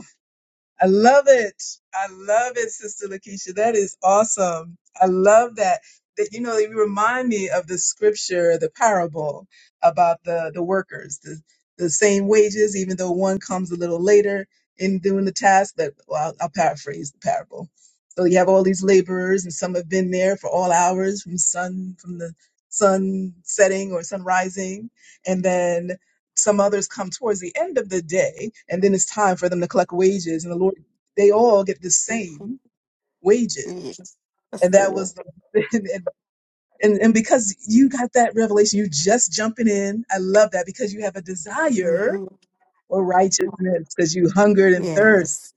Speaker 2: I love it. I love it, Sister Lakeisha. That is awesome. I love that. That you know, you remind me of the scripture, the parable about the the workers, the the same wages, even though one comes a little later in doing the task. But well, I'll, I'll paraphrase the parable. So you have all these laborers, and some have been there for all hours from sun from the sun setting or sun rising, and then some others come towards the end of the day, and then it's time for them to collect wages. And the Lord, they all get the
Speaker 10: Mhm.
Speaker 2: same wages.
Speaker 10: yes that's
Speaker 2: And that
Speaker 10: good
Speaker 2: was the, and, and, and because you got that revelation, you just jumping in. I love that because you have a desire
Speaker 10: hmm
Speaker 2: for righteousness because you hungered and
Speaker 10: yes
Speaker 2: thirst.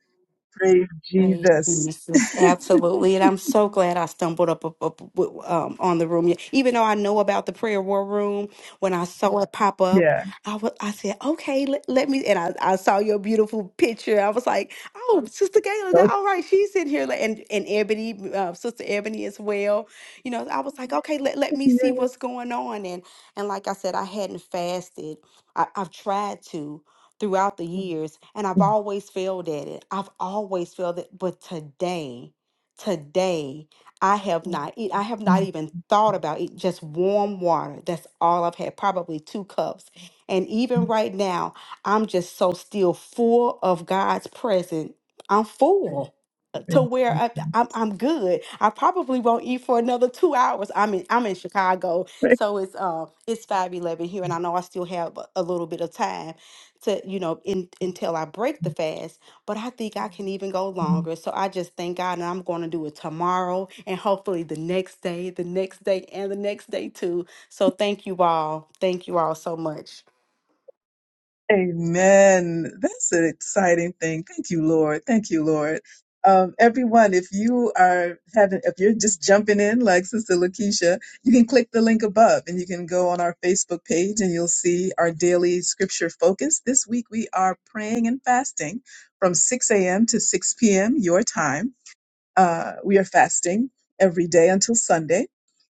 Speaker 2: Praise
Speaker 10: Praise
Speaker 2: Jesus.
Speaker 10: Jesus. Absolutely. And I'm so glad I stumbled up, up, up w- um, on the room. Even though I know about the prayer war room, when I saw it pop up,
Speaker 2: Yeah.
Speaker 10: I wa- I said, okay, let, let me. And I, I saw your beautiful picture. I was like, oh, Sister Gayla, that-
Speaker 2: So,
Speaker 10: all right, she's in here. Like, And, and Ebony, uh, Sister Ebony as well. You know, I was like, okay, let, let me
Speaker 2: yeah.
Speaker 10: see what's going on. And, and like I said, I hadn't fasted. I, I've tried to throughout the years and I've always failed at it. I've always failed it, but today, today I have not eat I have not even thought about it. Just warm water. That's all I've had, probably two cups. And even right now, I'm just so still full of God's presence. I'm full to
Speaker 2: Thank
Speaker 10: where I,
Speaker 2: you.
Speaker 10: I'm, I'm good. I probably won't eat for another two hours. I'm in I'm in Chicago, so it's uh it's five eleven here, and I know I still have a a little bit of time to you know in, until I break the fast. But I think I can even go longer. So I just thank God, and I'm going to do it tomorrow, and hopefully the next day, the next day, and the next day too. So thank you all. Thank you all so much.
Speaker 2: Amen. That's an exciting thing. Thank you, Lord. Thank you, Lord. Um, everyone, if you are having, if you're just jumping in, like Sister Lakeisha, you can click the link above and you can go on our Facebook page and you'll see our daily scripture focus. This week we are praying and fasting from 6 a.m. to 6 p.m. your time. Uh, we are fasting every day until Sunday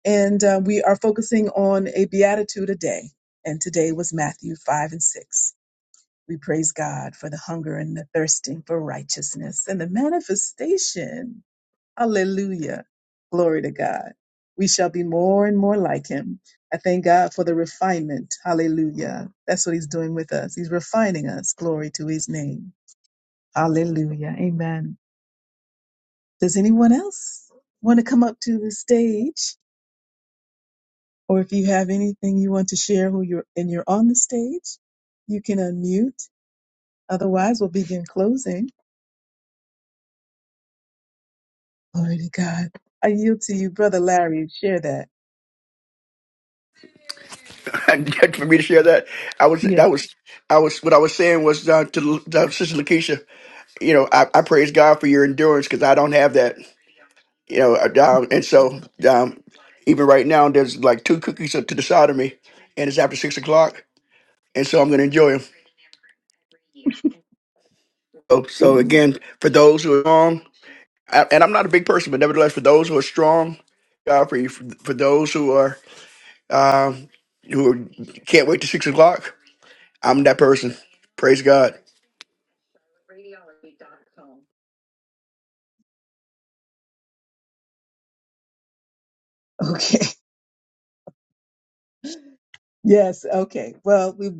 Speaker 2: and uh, we are focusing on a beatitude a day. And today was Matthew 5 and 6. We praise God for the hunger and the thirsting for righteousness and the manifestation. Hallelujah. Glory to God. We shall be more and more like him. I thank God for the refinement. Hallelujah. That's what he's doing with us. He's refining us. Glory to his name. Hallelujah. Amen. Does anyone else want to come up to the stage? Or if you have anything you want to share who you're and you're on the stage, you can unmute. Otherwise, we'll begin closing. Glory to God. I yield to you, Brother Larry. Share that.
Speaker 7: And for me to share that, I was
Speaker 2: Yeah.
Speaker 7: that was I was what I was saying was uh, to, to Sister Lakeisha. You know, I, I praise God for your endurance because I don't have that. You know, uh, um, and so um, even right now there's like two cookies up to the side of me, and it's after six o'clock, and so I'm gonna enjoy 'em. So, so
Speaker 2: Mm.
Speaker 7: again, for those who are strong, I- and I'm not a big person, but nevertheless, for those who are strong, God for you. For, for those who are um, who are- can't wait to six o'clock, I'm that person. Praise God.
Speaker 2: Okay. Yes. Okay. Well, we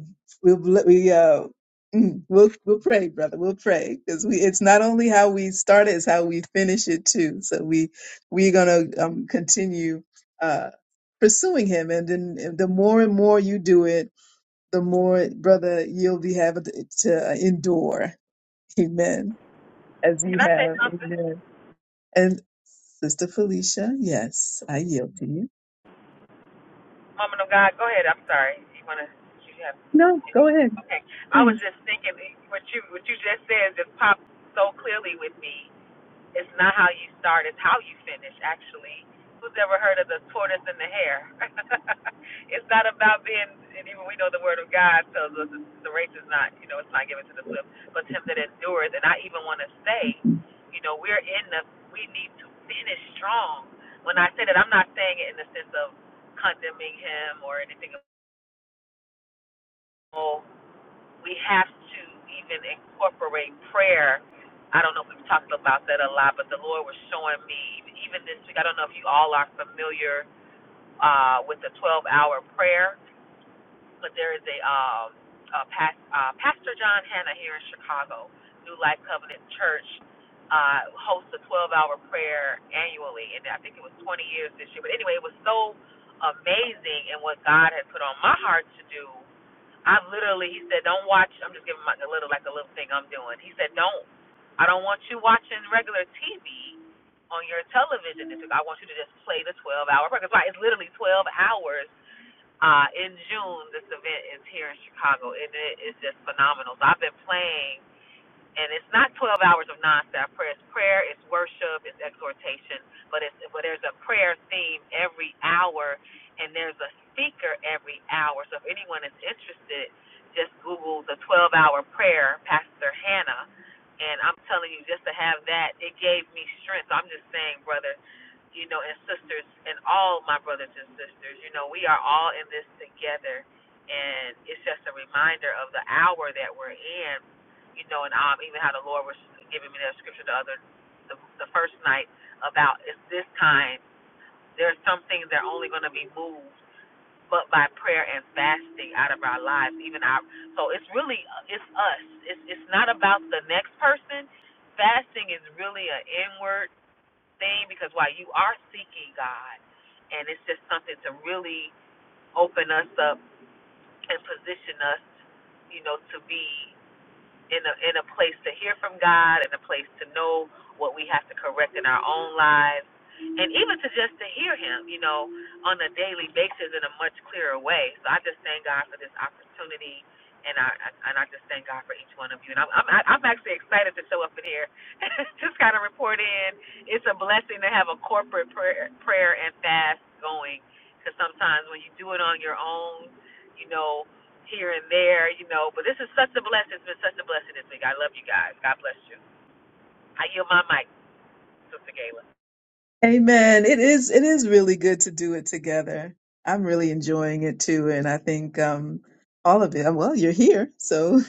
Speaker 2: we we uh mm, we'll we'll pray, brother. We'll pray because we it's not only how we start it, it's how we finish it too. So we we're gonna um continue uh pursuing him, and then the more and more you do it, the more brother you'll be having to endure. Amen. As you
Speaker 9: can i say
Speaker 2: have.
Speaker 9: something
Speaker 2: And Sister Felicia, yes, I yield to you.
Speaker 9: Woman of God, go ahead. I'm sorry. You wanna? You have
Speaker 2: No, go
Speaker 9: any?
Speaker 2: ahead,
Speaker 9: Okay. I was
Speaker 2: please.
Speaker 9: just thinking what you what you just said just popped so clearly with me. It's not how you start, it's how you finish, actually. Who's ever heard of the tortoise and the hare? it's not about being, and even we know the word of God tells us it's- the race is not, you know, it's not given to the swift, but to him that endures. And I even want to say, you know, we're in the, we need to finish strong. When I say that, I'm not saying it in the sense of condemning him or anything. Oh, we have to even incorporate prayer. I don't know if we've talked about that a lot, but the Lord was showing me even this week. I don't know if you all are familiar uh, with the 12-hour prayer, but there is a, um, a past, uh, Pastor John Hanna here in Chicago, New Life Covenant Church, uh, hosts a 12-hour prayer annually, and I think it was 20 years this year. But anyway, it was so amazing and what God had put on my heart to do. I literally, he said, don't watch. I'm just giving my a little like a little thing I'm doing. He said, don't. I don't want you watching regular TV on your television. I want you to just play the 12 hour program. like- it's literally 12 hours. Uh, in June, this event is here in Chicago, and it is just phenomenal. So I've been playing and it's not 12 hours of nonstop prayer. It's prayer, it's worship, it's exhortation, but it's but there's a prayer theme every hour, and there's a speaker every hour. So if anyone is interested, just Google the 12 hour prayer, Pastor Hannah, and I'm telling you, just to have that, it gave me strength. I'm just saying, brother. You know, and sisters, and all my brothers and sisters, you know, we are all in this together. And it's just a reminder of the hour that we're in you know, and um, even how the Lord was giving me that scripture the other, the, the first night about it's this time. There's some things that are only going to be moved, but by prayer and fasting out of our lives, even our. So it's really uh, it's us. It's it's not about the next person. Fasting is really an inward thing because while you are seeking God, and it's just something to really open us up and position us you know, to be in a in a place to hear from God, in a place to know what we have to correct in our own lives, and even to just to hear Him, you know, on a daily basis in a much clearer way. So I just thank God for this opportunity, and I and I just thank God for each one of you. And I'm I'm, I'm actually excited to show up in here, just kind of report in. It's a blessing to have a corporate prayer prayer and fast going, because sometimes when you do it on your own. You know, here and there, you know. But this is such a blessing. It's been such a blessing this week. I love you guys. God bless you. I yield my mic, Sister Gayla.
Speaker 2: Amen. It is it is really good to do it together. I'm really enjoying it too, and I think um, all of it. uh, Well, you're here, so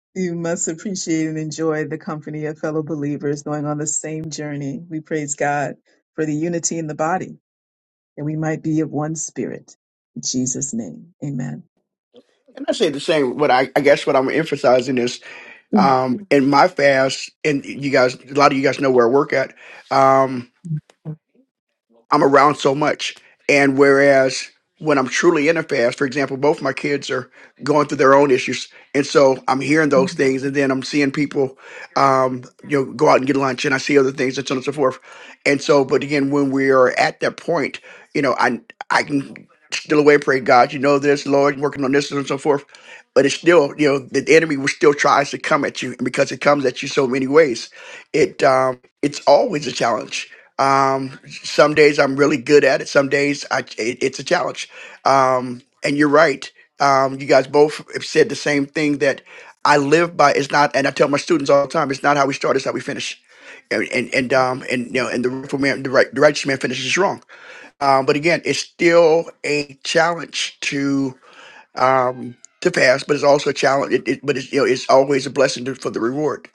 Speaker 2: you must appreciate and enjoy the company of fellow believers going on the same journey. We praise God for the unity in the body, and we might be of one spirit. In Jesus' name, Amen.
Speaker 7: And I say the same. What I, I guess what I'm emphasizing is um, in my fast, and you guys, a lot of you guys know where I work at. Um, I'm around so much. And whereas when I'm truly in a fast, for example, both my kids are going through their own issues. And so I'm hearing those things and then I'm seeing people um, you know, go out and get lunch and I see other things and so on and so forth. And so, but again, when we are at that point, you know, I I can still away pray, God, you know this, Lord, working on this and so forth. But it's still, you know, the enemy will still tries to come at you and because it comes at you so many ways. It um it's always a challenge. Um, some days I'm really good at it. Some days I, it, it's a challenge. Um, and you're right. Um, you guys both have said the same thing that I live by. It's not, and I tell my students all the time, it's not how we start, it's how we finish. And and, and um and you know and the rightful man, the right the righteous man finishes wrong. Um, but again, it's still a challenge to um to fast, but it's also a challenge. It, it, but it's you know it's always a blessing to, for the reward.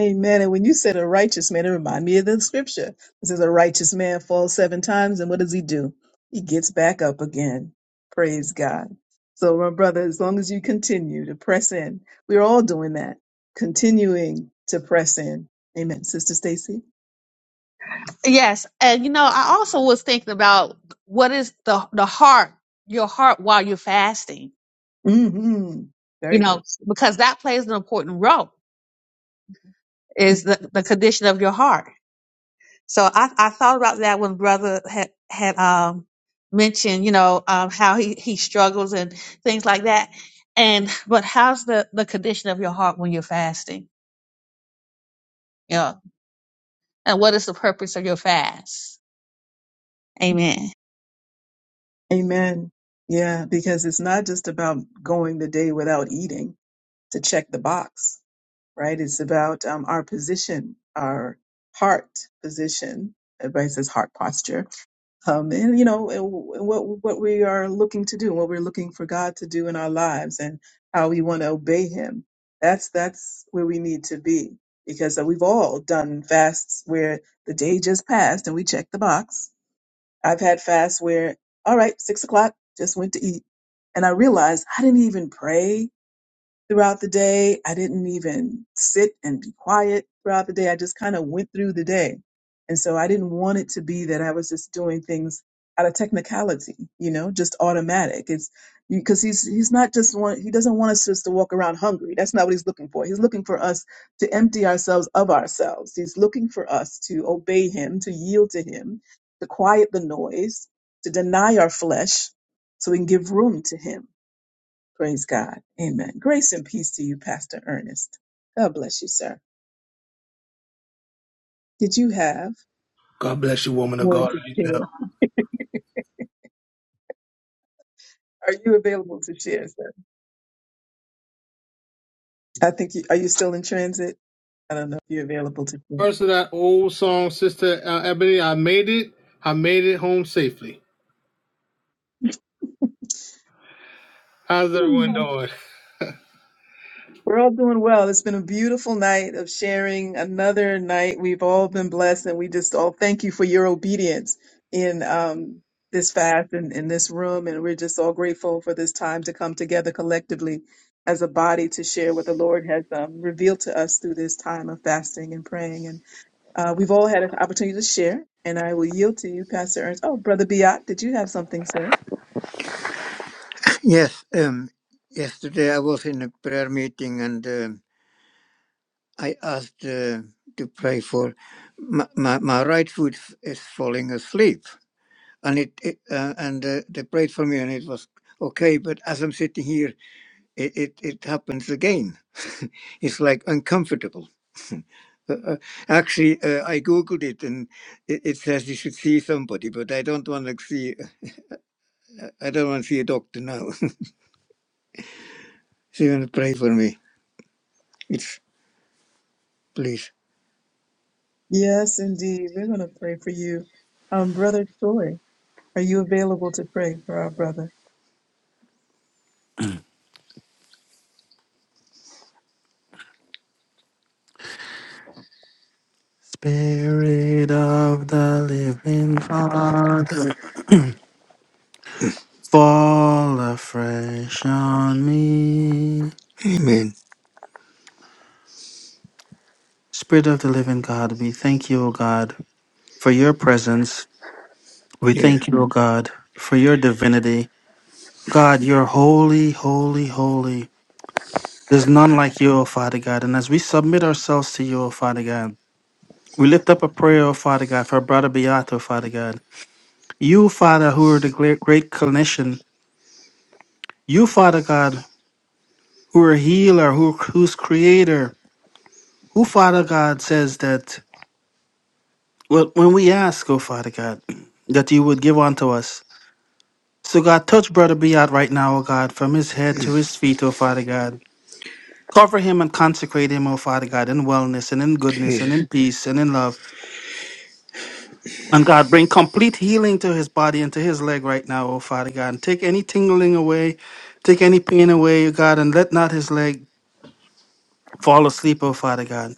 Speaker 2: Amen. And when you said a righteous man, it reminded me of the scripture. It says a righteous man falls seven times, and what does he do? He gets back up again. Praise God. So, my brother, as long as you continue to press in, we're all doing that, continuing to press in. Amen. Sister Stacy?
Speaker 1: Yes, and you know, I also was thinking about what is the the heart, your heart while you're fasting.
Speaker 2: hmm
Speaker 1: You
Speaker 2: Very
Speaker 1: know,
Speaker 2: good.
Speaker 1: because that plays an important role is the, the condition of your heart. So I, I thought about that when brother had had um mentioned, you know, um how he he struggles and things like that. And but how's the the condition of your heart when you're fasting? Yeah. And what is the purpose of your fast? Amen.
Speaker 2: Amen. Yeah, because it's not just about going the day without eating to check the box. right? It's about um, our position, our heart position. Everybody says heart posture, um, and you know and what what we are looking to do, what we're looking for God to do in our lives, and how we want to obey Him. That's that's where we need to be because uh, we've all done fasts where the day just passed and we checked the box. I've had fasts where all right, six o'clock, just went to eat, and I realized I didn't even pray throughout the day. I didn't even sit and be quiet throughout the day. I just kind of went through the day. And so I didn't want it to be that I was just doing things out of technicality, you know, just automatic. It's because he's he's not just one he doesn't want us just to walk around hungry. That's not what he's looking for. He's looking for us to empty ourselves of ourselves. He's looking for us to obey him, to yield to him, to quiet the noise, to deny our flesh so we can give room to him Praise God. Amen. Grace and peace to you, Pastor Ernest. God bless you, sir. Did you have
Speaker 11: God bless you, woman of
Speaker 2: more
Speaker 11: God.
Speaker 2: to share? Are you available to share, sir? I think you, are you still in transit? I don't know if you're available to
Speaker 11: First of that old song, Sister uh, Ebony, I made it. I made it home safely. How's everyone
Speaker 2: share.
Speaker 11: doing?
Speaker 2: We're all doing well. It's been a beautiful night of sharing another night. We've all been blessed, and we just all thank you for your obedience in um, this fast and in this room. And we're just all grateful for this time to come together collectively as a body to share what the Lord has um, revealed to us through this time of fasting and praying. And uh, we've all had an opportunity to share, and I will yield to you, Pastor Ernst. Oh, Brother Biot, did you have something, sir?
Speaker 8: Yes. Um, yesterday I was in a prayer meeting and um, I asked uh, to pray for my, my, my right foot f- is falling asleep and it, it uh, and uh, they prayed for me and it was okay but as i'm sitting here it it, it happens again it's like uncomfortable uh, uh, actually uh, i googled it and it, it says you should see somebody but i don't want to see i don't want to see a doctor now so you want to pray for me it's please
Speaker 2: Yes, indeed. We're going to pray for you. Um, Brother Troy, are you available to pray for our brother?
Speaker 4: Spirit of the Living God. Fall afresh on me.
Speaker 8: amen
Speaker 4: Spirit of the living God, we thank you, O God, for your presence. We
Speaker 8: yeah
Speaker 4: thank you, O God, for your divinity. God, you're holy, holy, holy. There's none like you, O Father God. And as we submit ourselves to you, O Father God, we lift up a prayer, O Father God, for brother Beato, Father God. You, Father, who are the great, great clinician. You, Father God, who are healer, who, who's creator. Who, Father God, says that Well, when we ask, oh Father God, that you would give unto us. So God, touch Brother Beat right now, oh God, from his head to his feet, oh Father God. Cover him and consecrate him, oh Father God, in wellness and in goodness and
Speaker 8: jesus
Speaker 4: in peace and in love. And God, bring complete healing to his body and to his leg right now, oh Father God. And take any tingling away, take any pain away, oh God, and let not his leg fall asleep, oh Father God.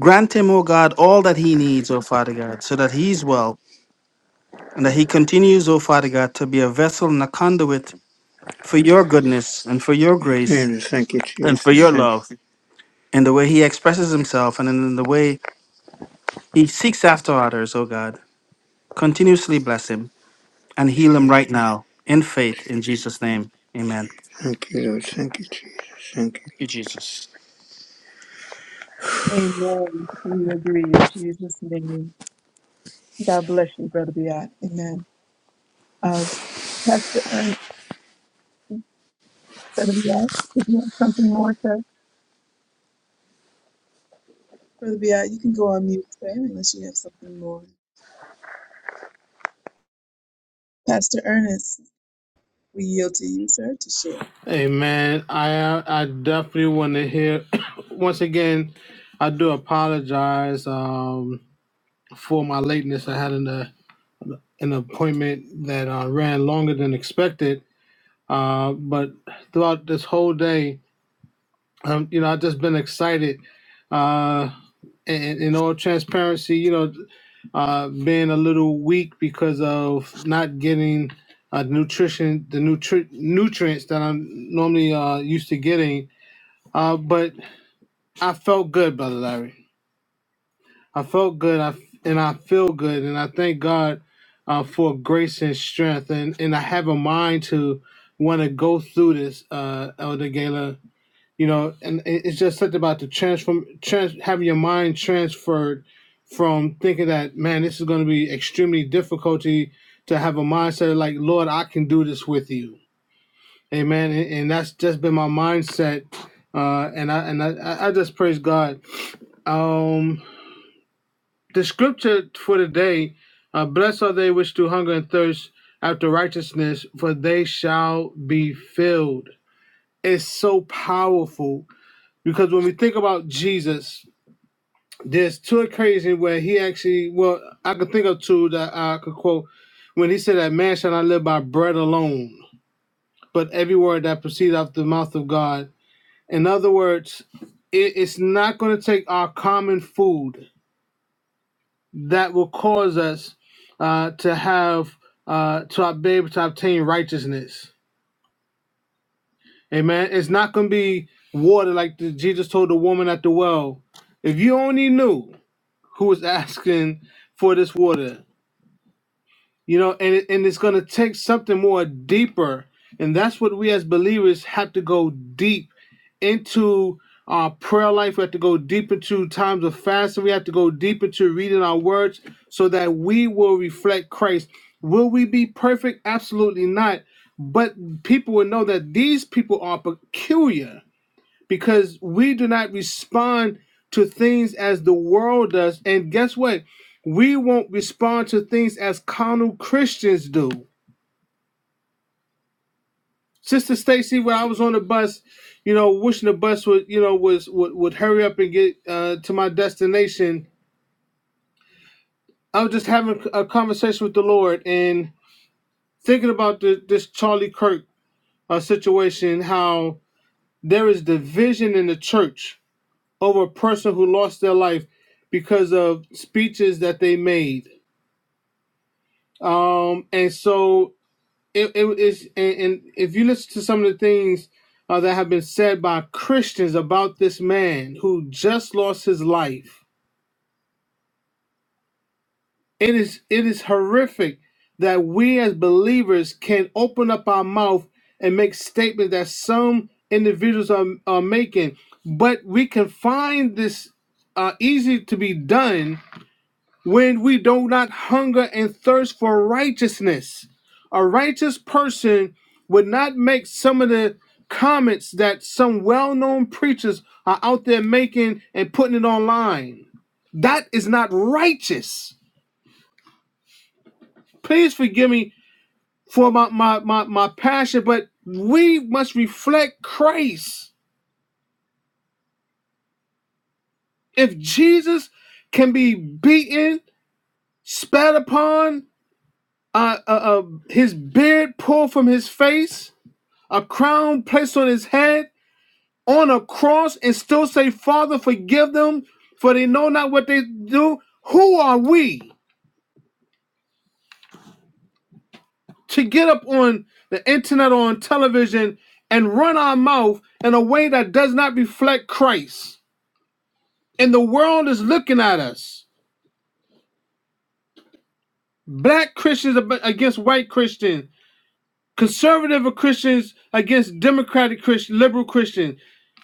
Speaker 4: Grant him, oh God, all that he needs, oh Father God, so that he's well and that he continues, O Father God, to be a vessel and a conduit for your goodness and for your
Speaker 8: amen
Speaker 4: grace
Speaker 8: thank you
Speaker 4: and for
Speaker 8: jesus
Speaker 4: your
Speaker 8: thank
Speaker 4: love in the way he expresses himself and in the way he seeks after others, O God. Continuously bless him and
Speaker 8: you
Speaker 4: heal him
Speaker 8: jesus
Speaker 4: right now in faith in Jesus' name. Amen.
Speaker 8: thank you lord thank you jesus thank
Speaker 4: Thank
Speaker 8: you
Speaker 4: you, Jesus.
Speaker 2: Amen. We agree in Jesus' name. God bless you, Brother Biat. Amen. Uh, Pastor Ernest, Brother Biat, if you have something more, sir. Brother Biat, you can go on mute, sir, unless you have something more. Pastor Ernest, we yield to you, sir, to share.
Speaker 11: Amen. I I definitely want to hear. Once again, I do apologize um, for my lateness. I had an uh, an appointment that uh, ran longer than expected. Uh, but throughout this whole day, um, you know, I've just been excited. Uh, in, in all transparency, you know, uh, being a little weak because of not getting uh, nutrition, the nutri- nutrients that I'm normally uh, used to getting. Uh, but I felt good, Brother Larry. I felt good, I, and I feel good, and I thank God uh, for grace and strength, and, and I have a mind to want to go through this, uh, Elder Gala you know and it's just something about the transform trans, having your mind transferred from thinking that man this is going to be extremely difficulty to have a mindset of like lord i can do this with you amen and, and that's just been my mindset uh and i and i, I I just praise god um the scripture for today uh blessed are they which do hunger and thirst after righteousness for they shall be filled it's so powerful because when we think about Jesus, there's two occasions where he actually, well, I could think of two that I could quote when he said that man shall not live by bread alone, but every word that proceeds out the mouth of God. In other words, it, it's not going to take our common food that will cause us uh, to have, uh, to be able to obtain righteousness. Amen. It's not going to be water like the, Jesus told the woman at the well. If you only knew who is asking for this water. You know, and it, and it's going to take something more deeper, and that's what we as believers have to go deep into our prayer life. We have to go deep into times of fasting. We have to go deep into reading our words so that we will reflect Christ. Will we be perfect? Absolutely not. But people will know that these people are peculiar because we do not respond to things as the world does. And guess what? We won't respond to things as carnal Christians do. Sister Stacy, when I was on the bus, you know, wishing the bus would, you know, was would, would hurry up and get uh, to my destination. I was just having a conversation with the Lord and thinking about the, this Charlie Kirk uh, situation, how there is division in the church over a person who lost their life because of speeches that they made. Um, and so it, it is, and, and if you listen to some of the things uh, that have been said by Christians about this man who just lost his life, it is it is horrific that we as believers can open up our mouth and make statements that some individuals are, are making, but we can find this uh, easy to be done when we do not hunger and thirst for righteousness. A righteous person would not make some of the comments that some well known preachers are out there making and putting it online. That is not righteous. Please forgive me for my, my, my, my passion, but we must reflect Christ. If Jesus can be beaten, spat upon, uh, uh, uh, his beard pulled from his face, a crown placed on his head on a cross and still say, Father, forgive them, for they know not what they do. Who are we to get up on the internet or on television and run our mouth in a way that does not reflect Christ? And the world is looking at us. Black Christians against white Christians, conservative Christians against democratic Christian, liberal Christians.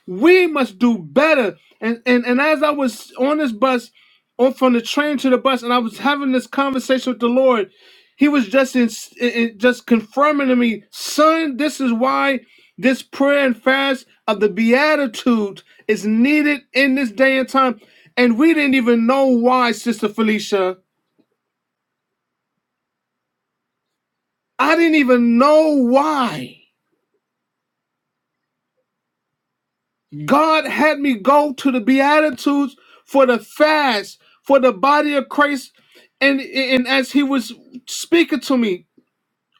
Speaker 11: We must do better. And and and as I was on this bus, on from the train to the bus, and I was having this conversation with the Lord, He was just in, in in- just confirming to me, son, this is why this prayer and fast of the Beatitudes is needed in this day and time. And we didn't even know why, Sister Felicia. I didn't even know why. God had me go to the Beatitudes for the fast, for the body of Christ. And, and as he was speaking to me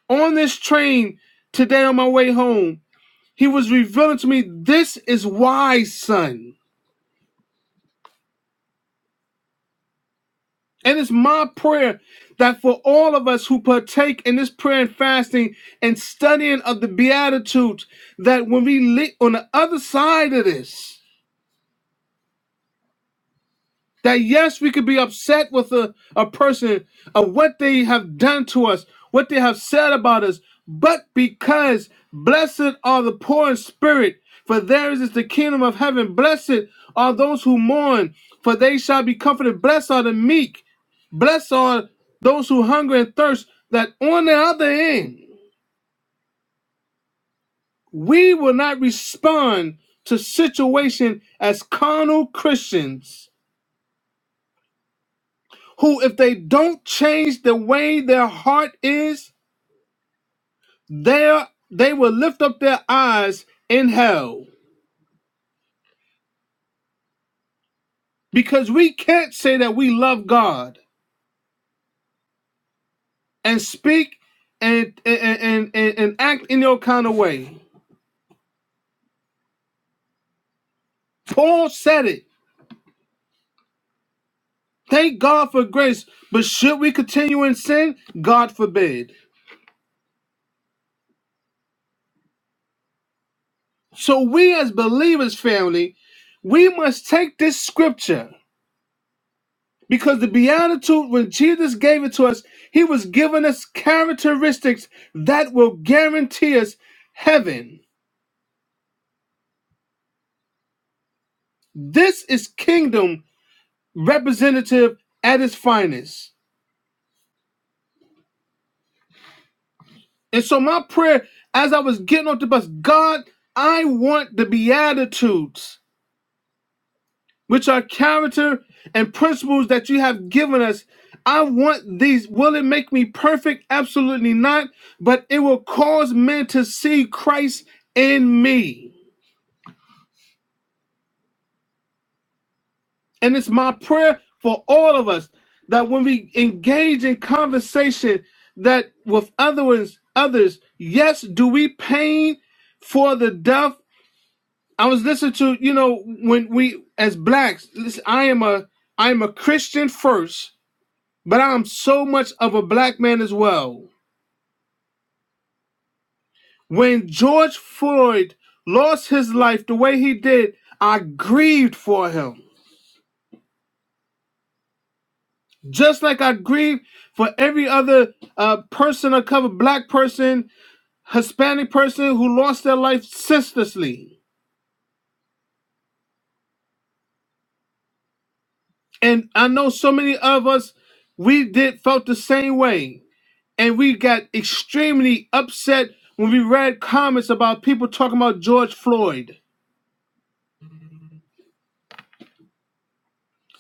Speaker 11: on this train today on my way home, he was revealing to me, This is wise, son. And it's my prayer that for all of us who partake in this prayer and fasting and studying of the Beatitudes, that when we live on the other side of this, That yes, we could be upset with a, a person of what they have done to us, what they have said about us, but because blessed are the poor in spirit, for theirs is the kingdom of heaven. Blessed are those who mourn, for they shall be comforted. Blessed are the meek. Blessed are those who hunger and thirst, that on the other end, we will not respond to situation as carnal Christians who, if they don't change the way their heart is, there they will lift up their eyes in hell. Because we can't say that we love God and speak and and and, and, and act in your kind of way. Paul said it. Thank God for grace, but should we continue in sin? God forbid. So we as believers, family, we must take this scripture Because the Beatitude, when Jesus gave it to us, he was giving us characteristics that will guarantee us heaven. This is kingdom representative at its finest. And so, my prayer as I was getting off the bus, God, I want the Beatitudes, which are character and principles that you have given us. I want these. Will it make me perfect? Absolutely not. But it will cause men to see Christ in me. And it's my prayer for all of us that when we engage in conversation that with others, others, yes, do we pain for the deaf? I was listening to, you know, when we as blacks, listen, I am a I am a Christian first, but I am so much of a black man as well. When George Floyd lost his life the way he did, I grieved for him. just like I grieve for every other uh, person of color, black person, Hispanic person who lost their life senselessly. And I know so many of us, we did felt the same way, and we got extremely upset when we read comments about people talking about George Floyd.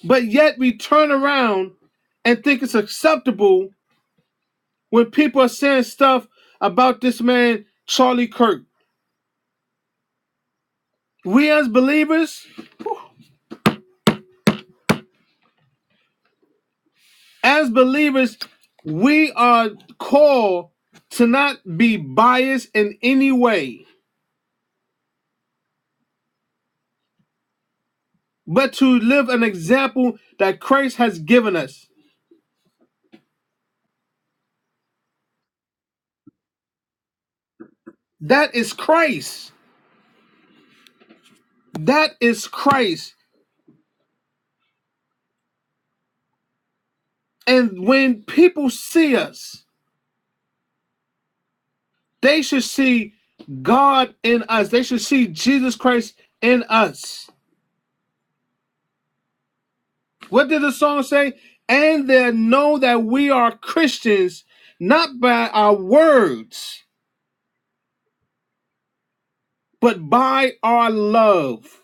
Speaker 11: But yet we turn around and think it's acceptable when people are saying stuff about this man Charlie Kirk. We as believers as believers, we are called to not be biased in any way, but to live an example that Christ has given us. That is Christ. That is Christ. And when people see us, they should see God in us. They should see Jesus Christ in us. What did the song say? And they know that we are Christians not by our words but by our love.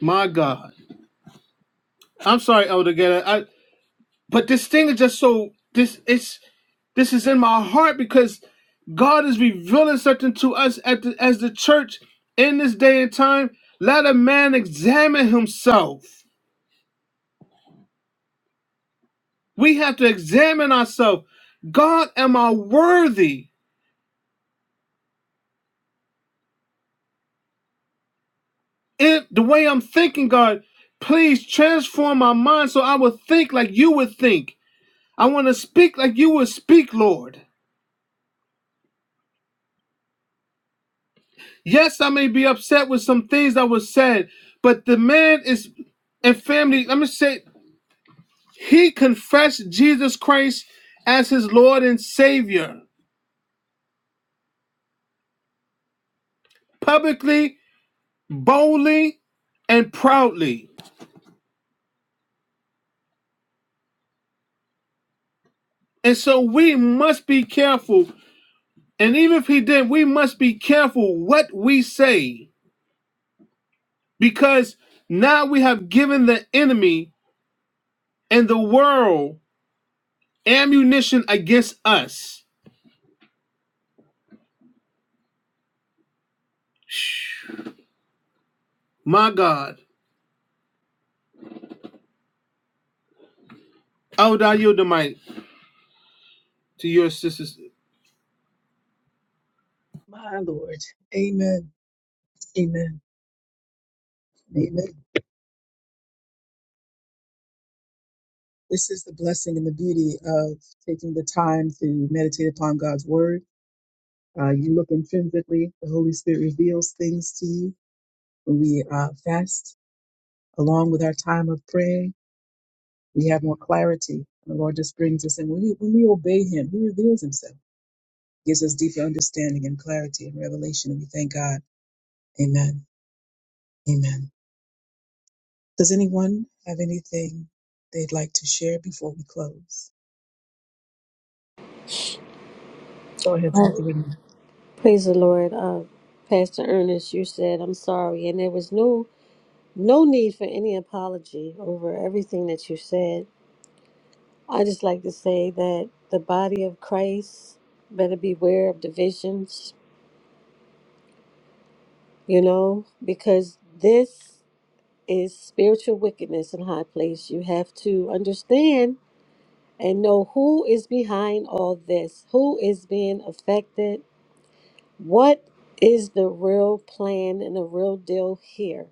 Speaker 11: My God. I'm sorry, Elder Getter. I but this thing is just so this it's this is in my heart because God is revealing something to us at the, as the church in this day and time. Let a man examine himself. We have to examine ourselves. God, am I worthy? If the way I'm thinking, God, please transform my mind so I will think like you would think. I want to speak like you would speak, Lord. Yes, I may be upset with some things that was said, but the man is and family, let me say he confessed Jesus Christ as his Lord and Savior publicly, boldly, and proudly. And so we must be careful. And even if he did, we must be careful what we say because now we have given the enemy and the world ammunition against us. My God. I would I yield the mic. to your sisters.
Speaker 2: My Lord. Amen. Amen. Amen. This is the blessing and the beauty of taking the time to meditate upon God's word. Uh, you look intrinsically, the Holy Spirit reveals things to you. When we uh, fast along with our time of prayer, we have more clarity. The Lord just brings us in. When we, when we obey Him, He reveals Himself, gives us deeper understanding and clarity and revelation. And we thank God. Amen. Amen. Does anyone have anything they'd like to share before we close? Go ahead, Sister
Speaker 5: Oh,
Speaker 2: Renee.
Speaker 5: praise the Lord. Uh, Pastor Ernest, you said, I'm sorry. And there was no no need for any apology over everything that you said. I just like to say that the body of Christ better beware of divisions, you know, because this is spiritual wickedness in high place. You have to understand and know who is behind all this, who is being affected, what is the real plan and the real deal here.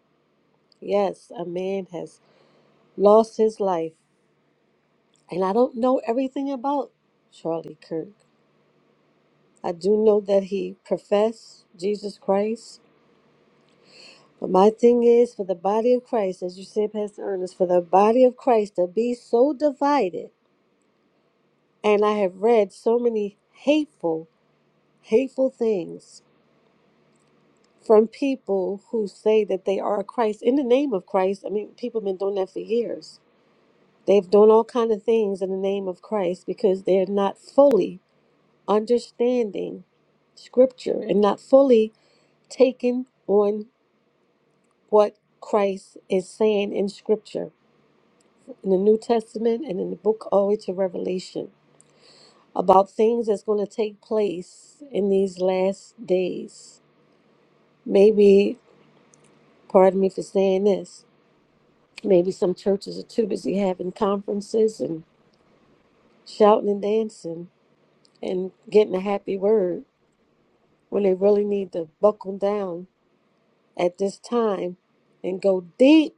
Speaker 5: Yes, a man has lost his life, and I don't know everything about Charlie Kirk. I do know that he professed Jesus Christ. But my thing is for the body of Christ, as you said, Pastor Ernest, for the body of Christ to be so divided. And I have read so many hateful, hateful things from people who say that they are Christ in the name of Christ. I mean, people have been doing that for years. They've done all kind of things in the name of Christ because they're not fully understanding Scripture and not fully taking on what Christ is saying in Scripture, in the New Testament and in the book all the way to Revelation, about things that's going to take place in these last days. Maybe, pardon me for saying this, Maybe some churches are too busy having conferences and shouting and dancing and getting a happy word when they really need to buckle down at this time and go deep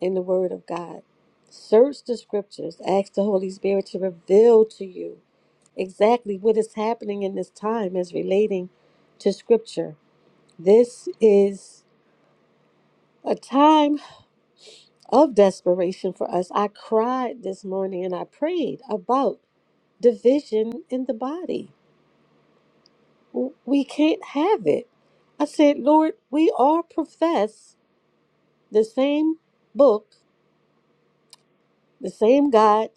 Speaker 5: in the Word of God. Search the scriptures, ask the Holy Spirit to reveal to you exactly what is happening in this time as relating to scripture. This is a time of desperation for us. I cried this morning and I prayed about. division in the body. W- We can't have it. I said, Lord, we all profess the same book, the same God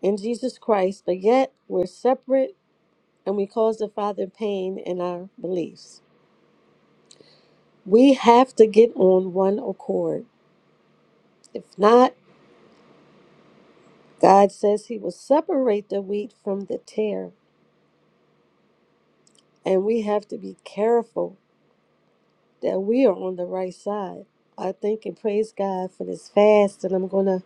Speaker 5: in Jesus Christ, but yet we're separate and we cause the Father pain in our beliefs. We have to get on one accord. If not, God says He will separate the wheat from the tare, and we have to be careful that we are on the right side. I thank and praise God for this fast, and I'm going to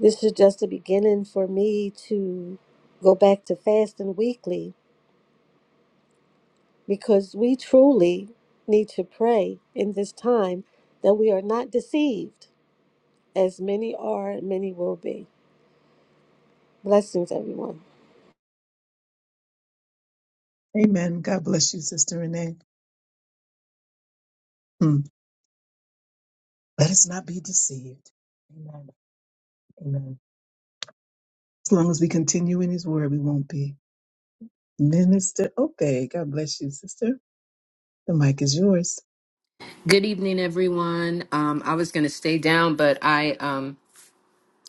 Speaker 5: This is just a beginning for me to go back to fasting weekly because we truly need to pray in this time that we are not deceived, as many are, and many will be. Blessings, everyone.
Speaker 2: Amen. God bless you, Sister Renee. Hmm. Let us not be deceived. Amen. Amen. As long as we continue in His Word, we won't be. Minister Obey. God bless you, Sister. The mic is yours.
Speaker 12: Good evening, everyone. Um, I was going to stay down, but I um,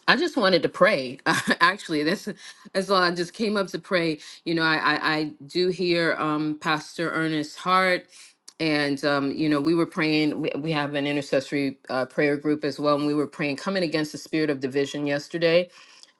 Speaker 12: I just wanted to pray. Actually, that's that's all. I just came up to pray. You know, I I, I do hear um, Pastor Ernest Hart, and um, you know, we were praying. We, we have an intercessory uh, prayer group as well, and we were praying coming against the spirit of division yesterday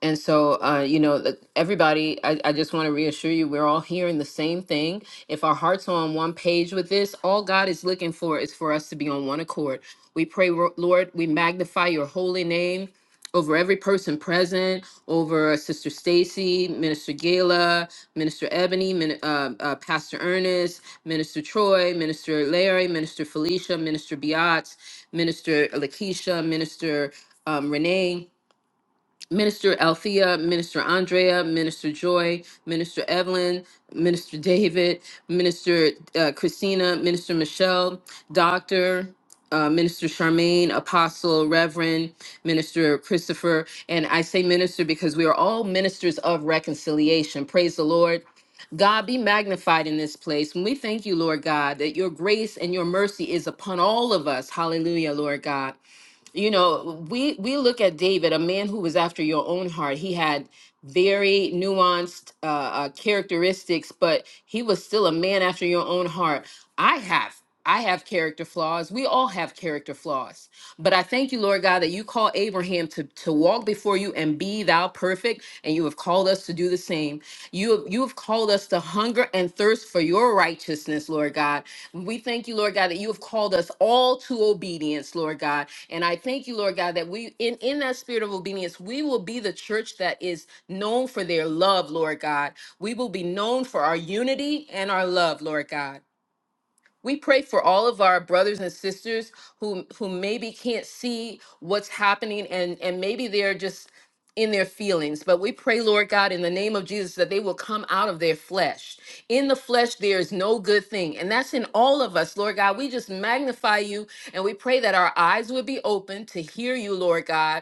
Speaker 12: and so, uh, you know, that everybody, I, I just want to reassure you, we're all hearing the same thing. If our hearts are on one page with this, all God is looking for is for us to be on one accord. We pray, Ro- Lord, we magnify your holy name over every person present, over uh, Sister Stacy, Minister Gala, Minister Ebony, Min- uh, uh, Pastor Ernest, Minister Troy, Minister Larry, Minister Felicia, Minister Biatz, Minister Lakeisha, Minister um, Renee Minister Althea, Minister Andrea, Minister Joy, Minister Evelyn, Minister David, Minister uh, Christina, Minister Michelle, Doctor, uh, Minister Charmaine, Apostle, Reverend, Minister Christopher. And I say minister because we are all ministers of reconciliation. Praise the Lord. God be magnified in this place. And we thank you, Lord God, that your grace and your mercy is upon all of us. Hallelujah, Lord God you know we we look at david a man who was after your own heart he had very nuanced uh, uh characteristics but he was still a man after your own heart i have i have character flaws we all have character flaws but i thank you lord god that you call abraham to to walk before you and be thou perfect and you have called us to do the same you have you have called us to hunger and thirst for your righteousness lord god we thank you lord god that you have called us all to obedience lord god and I thank you, Lord God, that we in, in that spirit of obedience, we will be the church that is known for their love, Lord God. We will be known for our unity and our love, Lord God. We pray for all of our brothers and sisters who who maybe can't see what's happening and and maybe they're just in their feelings. But we pray, Lord God, in the name of Jesus that they will come out of their flesh. In the flesh there is no good thing, and that's in all of us, Lord God. We just magnify you and we pray that our eyes would be open to hear you, Lord God,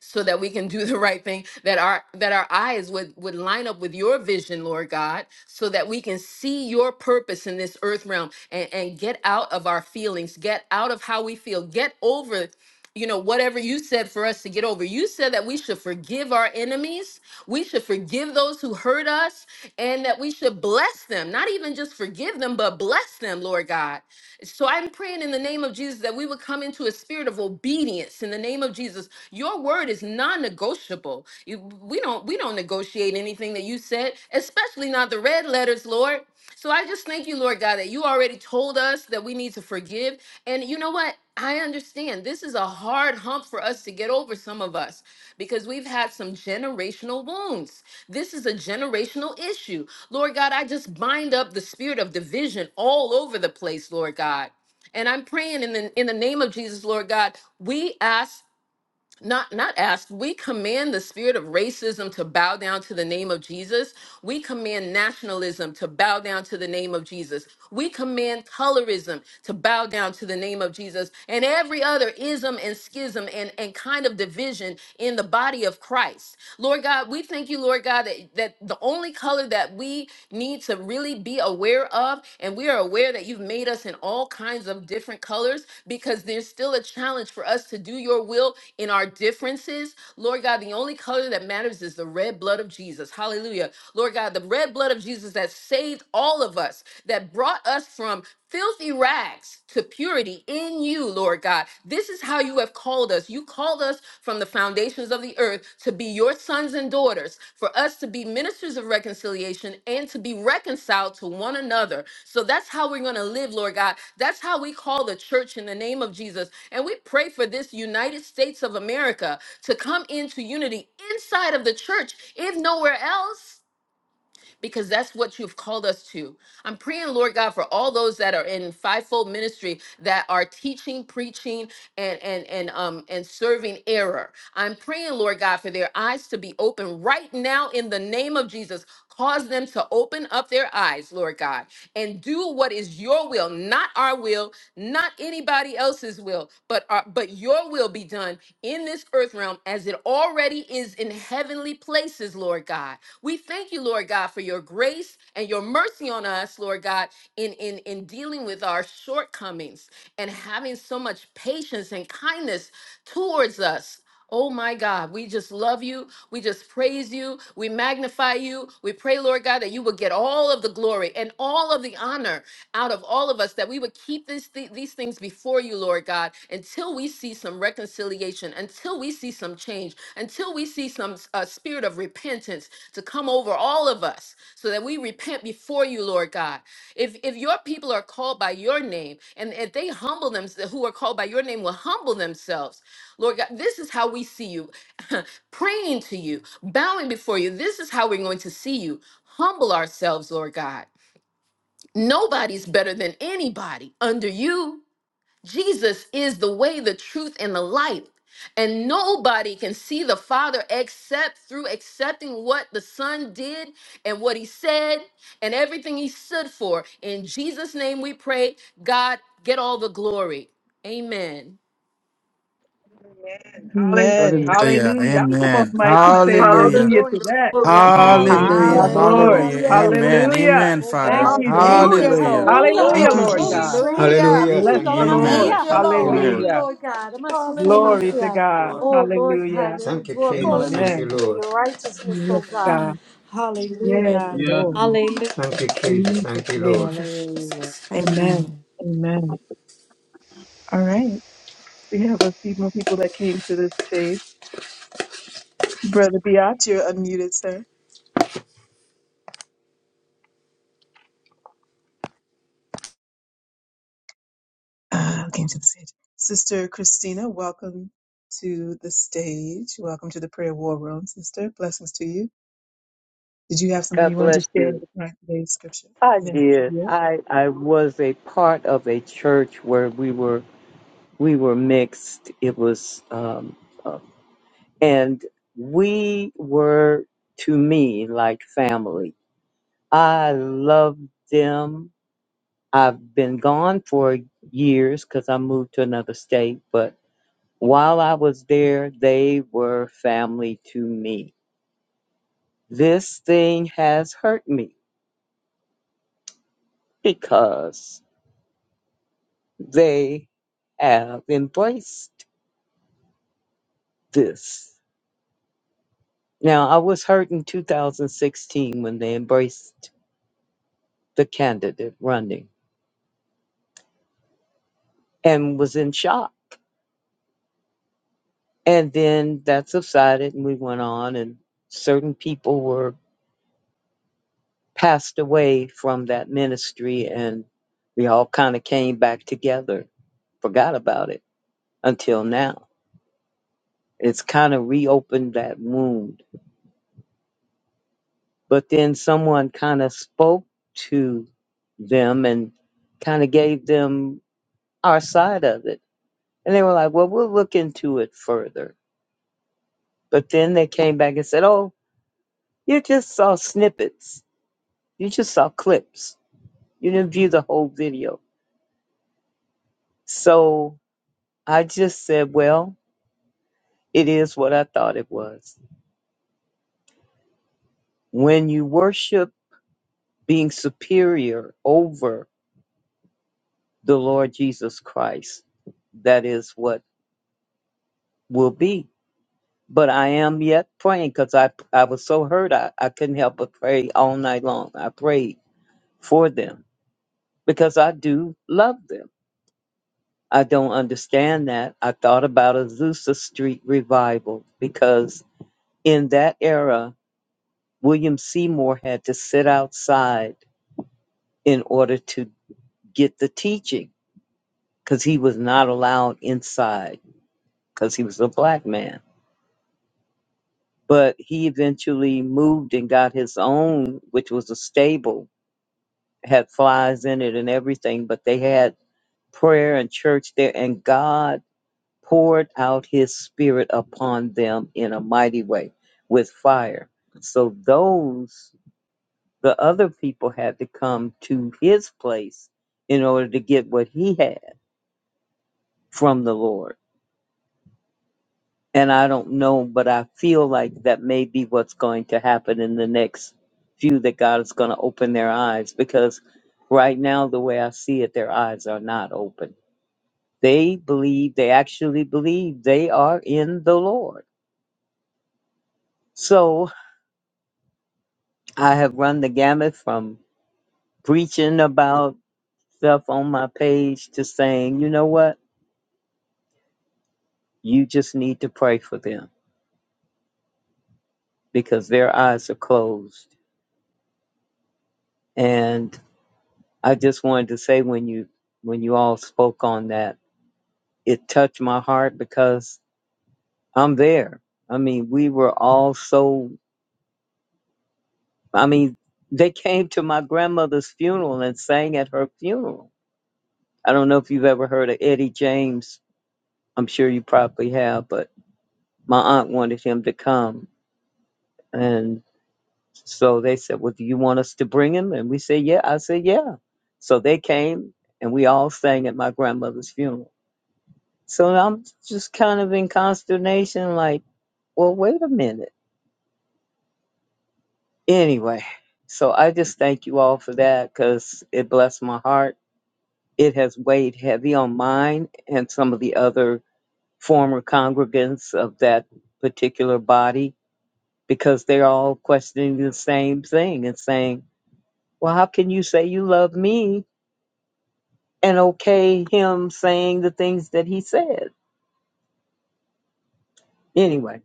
Speaker 12: so that we can do the right thing that our that our eyes would would line up with your vision lord god so that we can see your purpose in this earth realm and and get out of our feelings get out of how we feel get over you know whatever you said for us to get over you said that we should forgive our enemies we should forgive those who hurt us and that we should bless them not even just forgive them but bless them lord god so I'm praying in the name of Jesus that we would come into a spirit of obedience in the name of Jesus. Your word is non-negotiable. You- We don't we don't negotiate anything that you said, especially not the red letters, Lord. So I just thank you, Lord God, that you already told us that we need to forgive. And you know what? I understand this is a hard hump for us to get over, some of us, because we've had some generational wounds. This is a generational issue. Lord God, I just bind up the spirit of division all over the place, Lord God. And I'm praying in the in the name of Jesus, Lord God, we ask not not asked we command the spirit of racism to bow down to the name of jesus we command nationalism to bow down to the name of jesus we command colorism to bow down to the name of jesus and every other ism and schism and, and kind of division in the body of christ lord god we thank you lord god that, that the only color that we need need to really be aware of. And we are aware that you've made us in all kinds of different colors because there's still a challenge for us to do your will in our differences. Lord God, the only color that matters is the red blood of Jesus. Hallelujah. Lord God, the red blood of Jesus that saved all of us, that brought us from filthy rags to purity in you, Lord God. This is this is how you have called us. You called us from the foundations of the earth to be your sons and daughters, for us to be ministers of reconciliation and to be reconciled to one another. So that's how we're going to live, Lord God. That's how we call the church in the name of Jesus. And we pray for this United States of America to come into unity inside of the church, if nowhere else because that's what you've called us to. I'm praying, Lord God, for all those that are in fivefold ministry that are teaching, preaching, and and and um and serving error. I'm praying, Lord God, for their eyes to be open right now in the name of Jesus. Cause them to open up their eyes, Lord God, and do what is your will, not our will, not anybody else's will, but our, but your will be done in this earth realm as it already is in heavenly places, Lord God. We thank you, Lord God, for your grace and your mercy on us, Lord God, in, in, in dealing with our shortcomings and having so much patience and kindness towards us. Oh my God, we just love you. We just praise you. We magnify you. We pray, Lord God, that you would get all of the glory and all of the honor out of all of us, that we would keep this, thi- these things before you, Lord God, until we see some reconciliation, until we see some change, until we see some uh, spirit of repentance to come over all of us so that we repent before you lord god if if your people are called by your name and if they humble themselves who are called by your name will humble themselves lord god this is how we see you praying to you bowing before you this is how we're going to see you humble ourselves lord god nobody's better than anybody under you Jesus is the way, the truth, and the light. And nobody can see the Father except through accepting what the Son did and what He said and everything He stood for. In Jesus' name we pray, God, get all the glory. Amen.
Speaker 2: Amen.
Speaker 4: Hallelujah.
Speaker 2: Hallelujah. Y'all can come off
Speaker 4: Amen.
Speaker 2: mic and say
Speaker 4: Hallelujah.
Speaker 2: hallelujah
Speaker 6: Hallelujah.
Speaker 2: to that.
Speaker 6: Glory
Speaker 5: Hallelujah,
Speaker 11: Yeah,
Speaker 4: Hallelujah.
Speaker 2: My
Speaker 5: hallelujah,
Speaker 2: Lord.
Speaker 4: Hallelujah.
Speaker 10: Hallelujah.
Speaker 6: to
Speaker 4: Amen.
Speaker 5: hallelujah.
Speaker 2: Hallelujah.
Speaker 4: Amen,
Speaker 5: Oh
Speaker 2: Thank
Speaker 4: Father.
Speaker 5: God,
Speaker 6: God.
Speaker 10: Yeah,
Speaker 5: we
Speaker 2: you,
Speaker 10: thank
Speaker 5: thank you.
Speaker 10: you,
Speaker 6: Hallelujah.
Speaker 2: Jesus.
Speaker 4: Hallelujah.
Speaker 10: Lord.
Speaker 5: Hallelujah.
Speaker 2: Hallelujah,
Speaker 4: Thank you,
Speaker 6: Glory.
Speaker 2: Lord
Speaker 5: Lord, we
Speaker 2: God.
Speaker 4: Jesus.
Speaker 5: praise you.
Speaker 10: Hallelujah.
Speaker 8: hallelujah
Speaker 5: Hallelujah,
Speaker 2: Bless
Speaker 8: thank
Speaker 2: the
Speaker 8: you
Speaker 5: Lord
Speaker 2: Lord.
Speaker 4: Amen.
Speaker 8: jesus
Speaker 5: Masia.
Speaker 8: thank you
Speaker 5: Thank
Speaker 4: Amen.
Speaker 5: you,
Speaker 8: lord
Speaker 2: Hallelujah.
Speaker 5: Lord God. Amashisha
Speaker 2: Glory
Speaker 10: Hallelujah.
Speaker 2: to
Speaker 5: Masia.
Speaker 2: God.
Speaker 10: Glory.
Speaker 5: Oh Lord God,
Speaker 2: Hallelujah.
Speaker 5: may we
Speaker 8: Thank you,
Speaker 5: draw
Speaker 10: Hallelujah.
Speaker 8: Jesus.
Speaker 5: closer
Speaker 8: Thank
Speaker 5: to
Speaker 8: you,
Speaker 2: Amen.
Speaker 5: you in
Speaker 8: Lord.
Speaker 5: your righteousness,
Speaker 2: Yes,
Speaker 5: oh God.
Speaker 2: God. Yes,
Speaker 5: Hallelujah!
Speaker 11: yeah.
Speaker 2: Lord.
Speaker 5: Hallelujah.
Speaker 8: Thank you, Jesus.
Speaker 2: In Jesus'
Speaker 8: Thank you, Lord.
Speaker 10: Thank
Speaker 2: name.
Speaker 10: you,
Speaker 13: Hallelujah.
Speaker 10: Jesus. Amen.
Speaker 2: Amen. Amen. All right. We have a few more people that came to the stage. Brother Biatch, you're unmuted, sir. Uh, came to the stage. Sister Christina, welcome to the stage. Welcome to the prayer war room, sister. Blessings to you. Did you have something
Speaker 14: God
Speaker 2: you wanted
Speaker 14: bless
Speaker 2: to share
Speaker 14: you.
Speaker 2: with my today's scripture?
Speaker 14: I
Speaker 2: Amen. I
Speaker 14: did.
Speaker 2: yield.
Speaker 14: I I was a part of a church where we were we were mixed. It was um uh, and we were to me like family. I loved them. I've been gone for years cuz I moved to another state, but while I was there, they were family to me. This thing has hurt me because they have embraced this. Now, I was hurt in 2016 when they embraced the candidate running and was in shock. And then that subsided and we went on, and certain people were passed away from that ministry, and we all kind of came back together, forgot about it until now. It's kind of reopened that wound But then someone kind of spoke to them and kind of gave them our side of it. And they were like, well, we'll look into it further. But then they came back and said, oh, you just saw snippets. You just saw clips. You didn't view the whole video. So I just said, well, it is what I thought it was. When you worship being superior over the Lord Jesus Christ, that is what will be. But I am yet praying because I, I was so hurt I, I couldn't help but pray all night long. I prayed for them because I do love them. I don't understand that. I thought about Azusa Street revival because in that era, William Seymour had to sit outside in order to get the teaching because he was not allowed inside because he was a black man. But he eventually moved and got his own, which was a stable had flies in it and everything, but they had prayer and church there, and God poured out his spirit upon them in a mighty way with fire. So, those, the other people had to come to his place in order to get what he had from the Lord. And I don't know, but I feel like that may be what's going to happen in the next few that God is going to open their eyes because right now, the way I see it, their eyes are not open They believe, they actually believe they are in the Lord. So I have run the gamut from preaching about stuff on my page to saying, you know what? You just need to pray for them because their eyes are closed. And I just wanted to say when you when you all spoke on that, it touched my heart because I'm there. I mean, we were all so I mean, they came to my grandmother's funeral and sang at her funeral I don't know if you've ever heard of Eddie James. I'm sure you probably have, but my aunt wanted him to come. And so they said, Well, do you want us to bring him? And we said, Yeah. I said, Yeah. So they came and we all sang at my grandmother's funeral. So I'm just kind of in consternation, like, Well, wait a minute. Anyway, so I just thank you all for that because it blessed my heart. It has weighed heavy on mine and some of the other former congregants of that particular body because they're all questioning the same thing and saying, Well, how can you say you love me and okay him saying the things that he said? Anyway,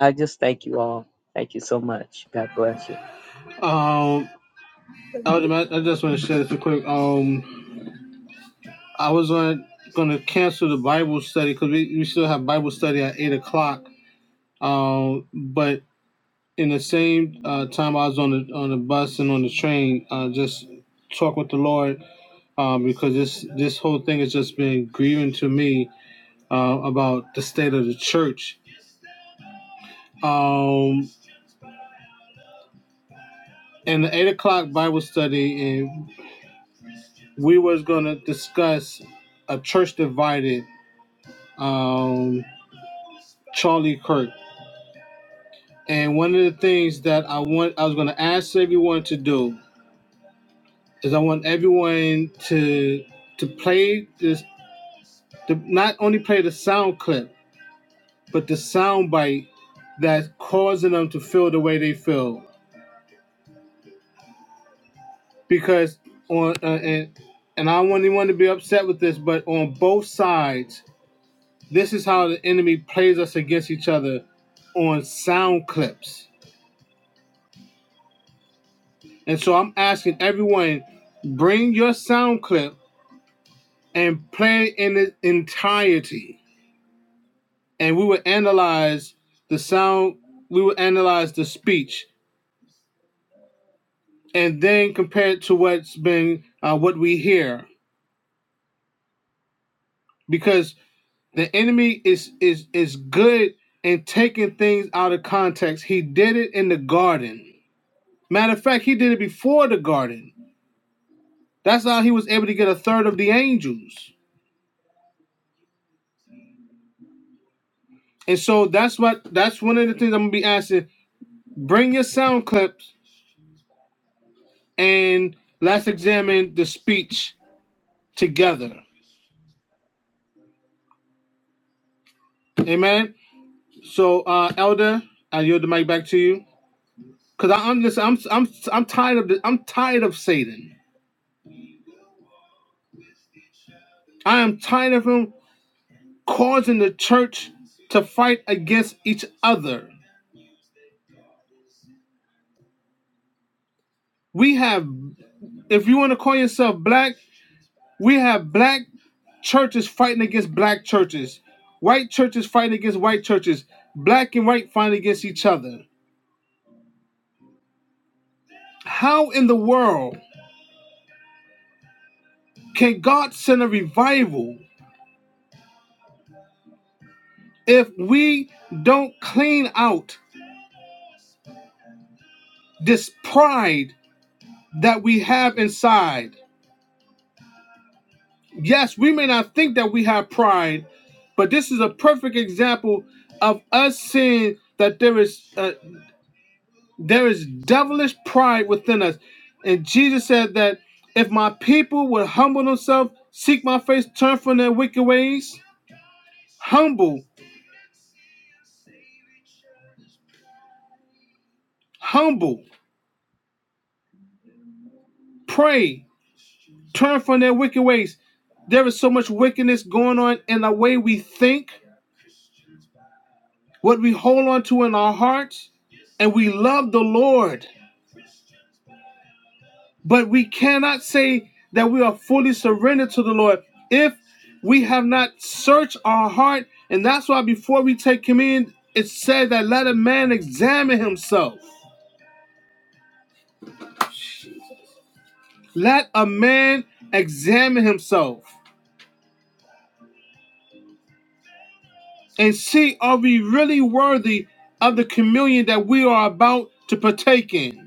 Speaker 14: I just thank you all. Thank you so much. God bless you.
Speaker 11: Um, I, would, ima- I just want to share this real quick. Um, I was on going to cancel the Bible study because we, we still have Bible study at eight o'clock. Um, but in the same uh, time, I was on the on the bus and on the train, uh, just talk with the Lord um, because this this whole thing has just been grieving to me uh, about the state of the church. Um, and the eight o'clock Bible study, and. we was gonna discuss a church divided um charlie kirk and one of the things that i want i was gonna ask everyone to do is i want everyone to to play this to not only play the sound clip but the sound bite that's causing them to feel the way they feel because on uh, and and i don't want anyone to be upset with this but on both sides This is how the enemy plays us against each other on sound clips. And so I'm asking everyone, bring your sound clip and play it in its entirety. And we will analyze the sound, we will analyze the speech, and then compare it to what's been uh, what we hear. Because the enemy is is is good in taking things out of context. He did it in the garden. Matter of fact, he did it before the garden That's how he was able to get a third of the angels. And so that's what that's one of the things I'm gonna be asking. Bring your sound clips and let's examine the speech together. Amen. So uh Elder, I yield the mic back to you. Cause I, I'm this I'm I'm I'm tired of this, I'm tired of Satan. I am tired of him causing the church to fight against each other. We have if you want to call yourself black, We have black churches fighting against black churches, white churches fighting against white churches, black and white fighting against each other. How in the world can God send a revival if we don't clean out this pride that we have inside? Yes, we may not think that we have pride, but this is a perfect example of us seeing that there is. uh, There is devilish pride within us. And Jesus said that if my people would humble themselves, seek my face, turn from their wicked ways, humble, humble, pray, turn from their wicked ways. There is so much wickedness going on in the way we think, what we hold on to in our hearts, and we love the Lord. But we cannot say that we are fully surrendered to the Lord if we have not searched our heart. And that's why before we take communion, it said that let a man examine himself. Let a man examine himself and see are we really worthy of the communion that we are about to partake in.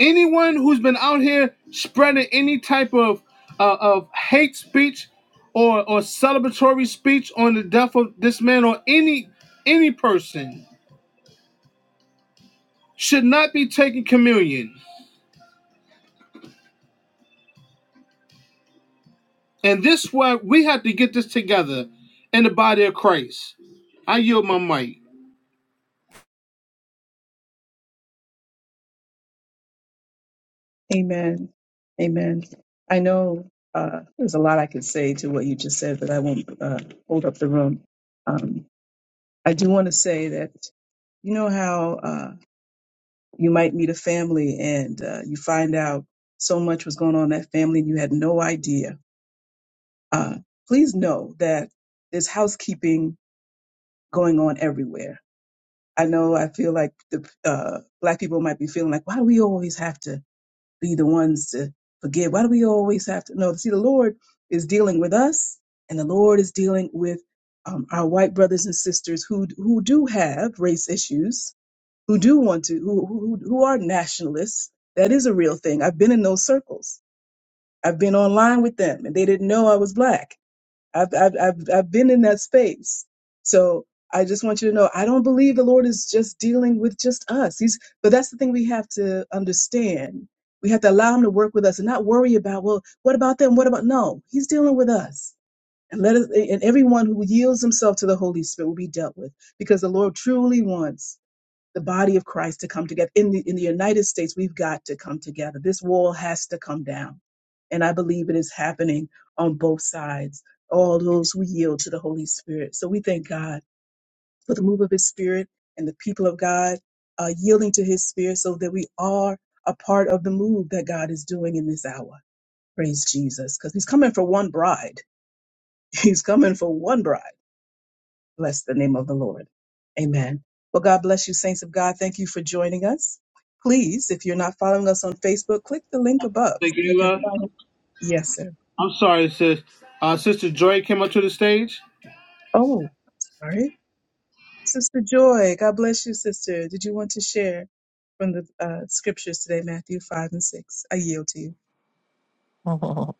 Speaker 11: anyone who's been out here spreading any type of uh, of hate speech or or celebratory speech on the death of this man or any any person should not be taking communion. And this is why we have to get this together in the body of Christ. I yield my mic.
Speaker 2: Amen. Amen. I know uh, there's a lot I could say to what you just said, but I won't uh, hold up the room. Um, I do want to say that you know how uh, you might meet a family and uh, you find out so much was going on in that family and you had no idea. Uh, please know that there's housekeeping going on everywhere. I know I feel like the uh, black people might be feeling like, why do we always have to be the ones to forgive? Why do we always have to? No, see, the Lord is dealing with us and the Lord is dealing with um, our white brothers and sisters who who do have race issues who do want to, who, who, who are nationalists. That is a real thing. I've been in those circles. I've been online with them and they didn't know I was black. I've, I've, I've, I've been in that space. So I just want you to know, I don't believe the Lord is just dealing with just us. He's, but that's the thing we have to understand. We have to allow him to work with us and not worry about, well, what about them? What about, no, he's dealing with us. And let us, and everyone who yields himself to the Holy Spirit will be dealt with because the Lord truly wants the body of Christ to come together. In the in the United States, we've got to come together. This wall has to come down. And I believe it is happening on both sides, all those who yield to the Holy Spirit. So we thank God for the move of his spirit and the people of God uh, yielding to his spirit so that we are a part of the move that God is doing in this hour. Praise Jesus. Because he's coming for one bride. He's coming for one bride. Bless the name of the Lord. Amen. Well, God bless you, saints of God. Thank you for joining us. Please, if you're not following us on Facebook, click the link above so
Speaker 11: Thank
Speaker 2: you
Speaker 11: you,
Speaker 2: can
Speaker 11: Ella.
Speaker 2: find. Yes, sir.
Speaker 11: I'm sorry, sis. Uh, Sister Joy came up to the stage.
Speaker 2: Oh, sorry. Sister Joy, God bless you, sister. Did you want to share from the uh, scriptures today, Matthew 5 and 6? I yield to you.
Speaker 13: Oh,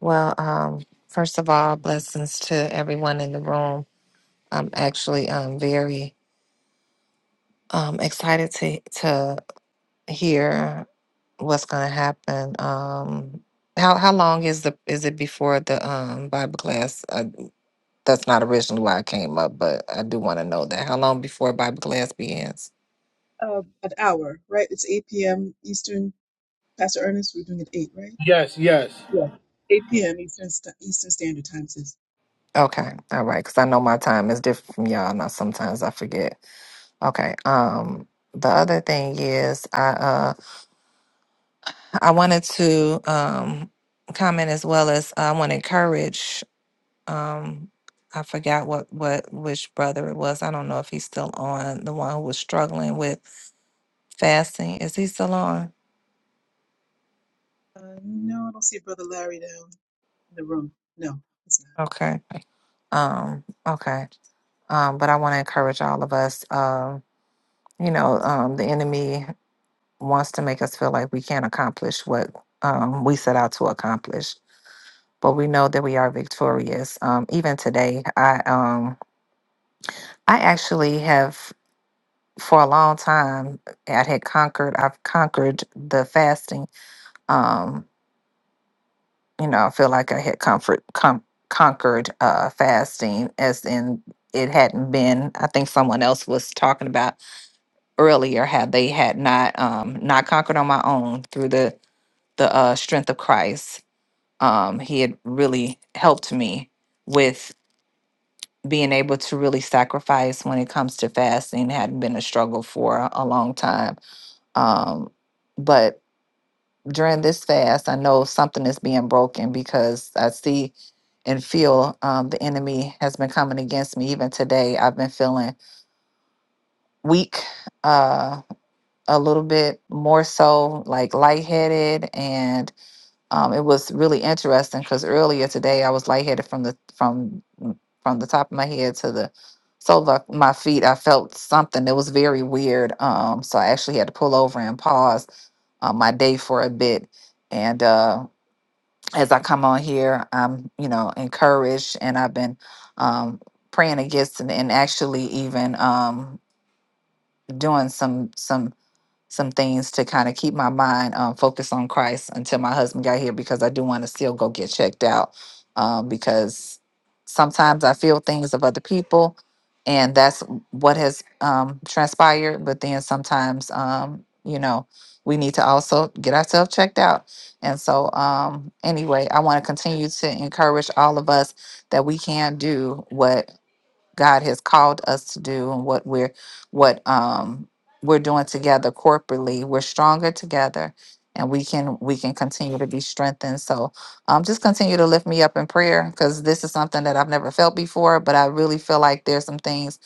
Speaker 13: Well, um, first of all, blessings to everyone in the room. I'm actually um, very um, excited to to hear what's going to happen. Um, how how long is the is it before the um, Bible class? Uh, that's not originally why I came up, but I do want to know that. How long before Bible class begins?
Speaker 2: uh, an hour, right? It's 8 p.m. Eastern. Pastor Ernest, we're doing it 8, right?
Speaker 11: Yes, yes.
Speaker 2: Yeah. 8 p.m. Eastern, Sta- Eastern Standard Time sis.
Speaker 13: Okay, all right, because I know my time is different from y'all. Now sometimes I forget. Okay. Um, the other thing is I uh I wanted to um, comment as well as I want to encourage. Um, I forgot what what which brother it was. I don't know if he's still on. The one who was struggling with fasting is he still on?
Speaker 2: Uh, no, I don't see Brother Larry down. the room. No, it's
Speaker 13: Okay. Um, okay. Um, but I want to encourage all of us. Um, you know, um, the enemy wants to make us feel like we can't accomplish what um, we set out to accomplish, but we know that we are victorious. Um, even today, I um, I actually have for a long time I had conquered I've conquered the fasting. Um, you know, I feel like I had comfort com- conquered uh fasting as in it hadn't been I think someone else was talking about earlier how they had not um not conquered on my own through the the uh strength of Christ. Um he had really helped me with being able to really sacrifice when it comes to fasting It hadn't been a struggle for a a long time Um, but during this fast, I know something is being broken because I see and feel um, the enemy has been coming against me. Even today, I've been feeling weak, uh, a little bit more so like lightheaded, and um, it was really interesting because earlier today I was lightheaded from the from mm, from the top of my head to the sole of my feet. I felt something that was very weird. Um, so I actually had to pull over and pause uh, my day for a bit. And uh, as I come on here, I'm you know encouraged, and I've been um, praying against and, and actually even um, doing some some some things to kind of keep my mind um, focused on Christ until my husband got here because I do want to still go get checked out um, because sometimes I feel things of other people and that's what has um, transpired. But then sometimes, um, you know, we need to also get ourselves checked out. And so, um, anyway, I want to continue to encourage all of us that we can do what God has called us to do and what we're what um we're doing together corporately. We're stronger together and we can we can continue to be strengthened. So um just continue to lift me up in prayer because this is something that I've never felt before, but I really feel like there's some things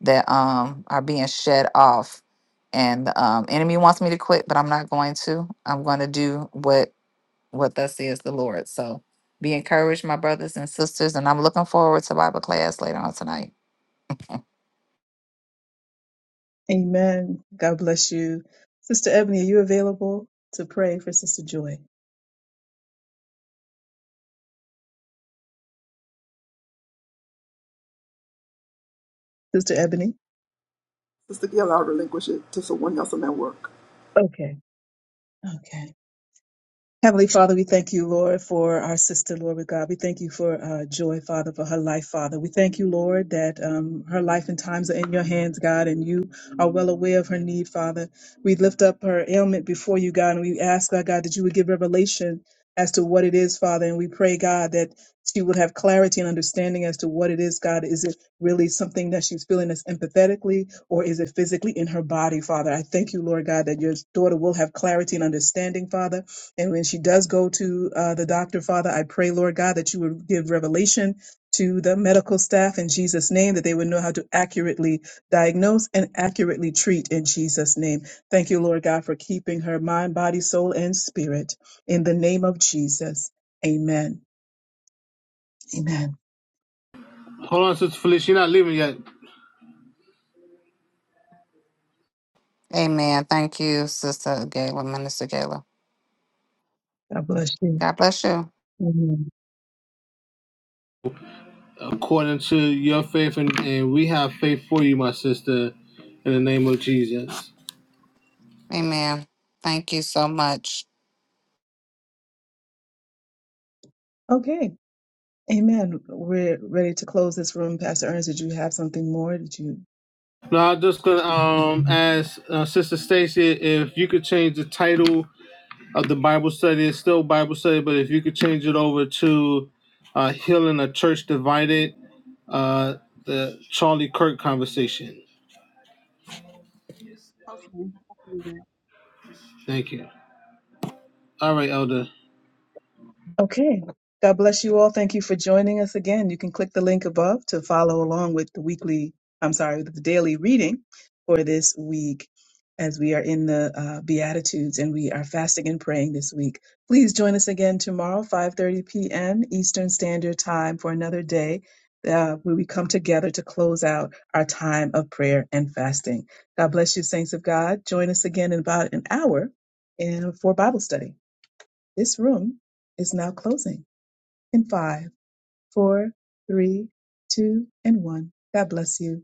Speaker 13: that um are being shed off. And the um enemy wants me to quit, but I'm not going to. I'm going to do what what thus says the Lord. So be encouraged, my brothers and sisters, and I'm looking forward to Bible class later on tonight.
Speaker 2: not. Amen. God bless you. Sister Ebony, are you available to pray for Sister Joy? Sister Ebony?
Speaker 6: Sister Gill, I'll relinquish it to someone else in that work.
Speaker 2: Okay. Okay. Heavenly Father, we thank you, Lord, for our sister, Lord with God. We thank you for uh, Joy, Father, for her life, Father. We thank you, Lord, that um, her life and times are in your hands, God, and you are well aware of her need, Father. We lift up her ailment before you, God, and we ask, our God, that you would give revelation as to what it is, Father. And we pray, God, that she would have clarity and understanding as to what it is, God. Is it really something that she's feeling as empathetically, or is it physically in her body, Father? I thank you, Lord God, that your daughter will have clarity and understanding, Father and when she does go to uh, the doctor, Father, I pray, Lord God, that you would give revelation to the medical staff in Jesus' name, that they would know how to accurately diagnose and accurately treat in Jesus' name. Thank you, Lord God, for keeping her mind, body, soul, and spirit. In the name of Jesus, amen. Amen.
Speaker 11: Hold on, Sister Felicia. You're not leaving yet.
Speaker 13: Amen. Thank you, Sister Gayla, Minister Gayla.
Speaker 2: God bless you.
Speaker 13: God bless you.
Speaker 2: Amen.
Speaker 11: according to your faith, and, and we have faith for you, my sister, in the name of Jesus.
Speaker 13: Amen. Thank you so much.
Speaker 2: Okay. Amen. We're ready to close this room. Pastor Ernest, did you have something more? Did you?
Speaker 11: Now, I'm just gonna um ask uh, Sister Stacy if you could change the title of the Bible study. It's still Bible study, but if you could change it over to uh, "Healing a Church Divided," uh, the Charlie Kirk conversation.
Speaker 1: Okay.
Speaker 11: Thank you. All right, Elder.
Speaker 2: Okay. God bless you all. Thank you for joining us again. You can click the link above to follow along with the weekly, I'm sorry, with the daily reading for this week as we are in the uh, Beatitudes and we are fasting and praying this week. Please join us again tomorrow, 5.30 p.m. Eastern Standard Time for another day uh, where we come together to close out our time of prayer and fasting. God bless you, saints of God. Join us again in about an hour and for Bible study. This room is now closing in five, four, three, two, and one. God bless you.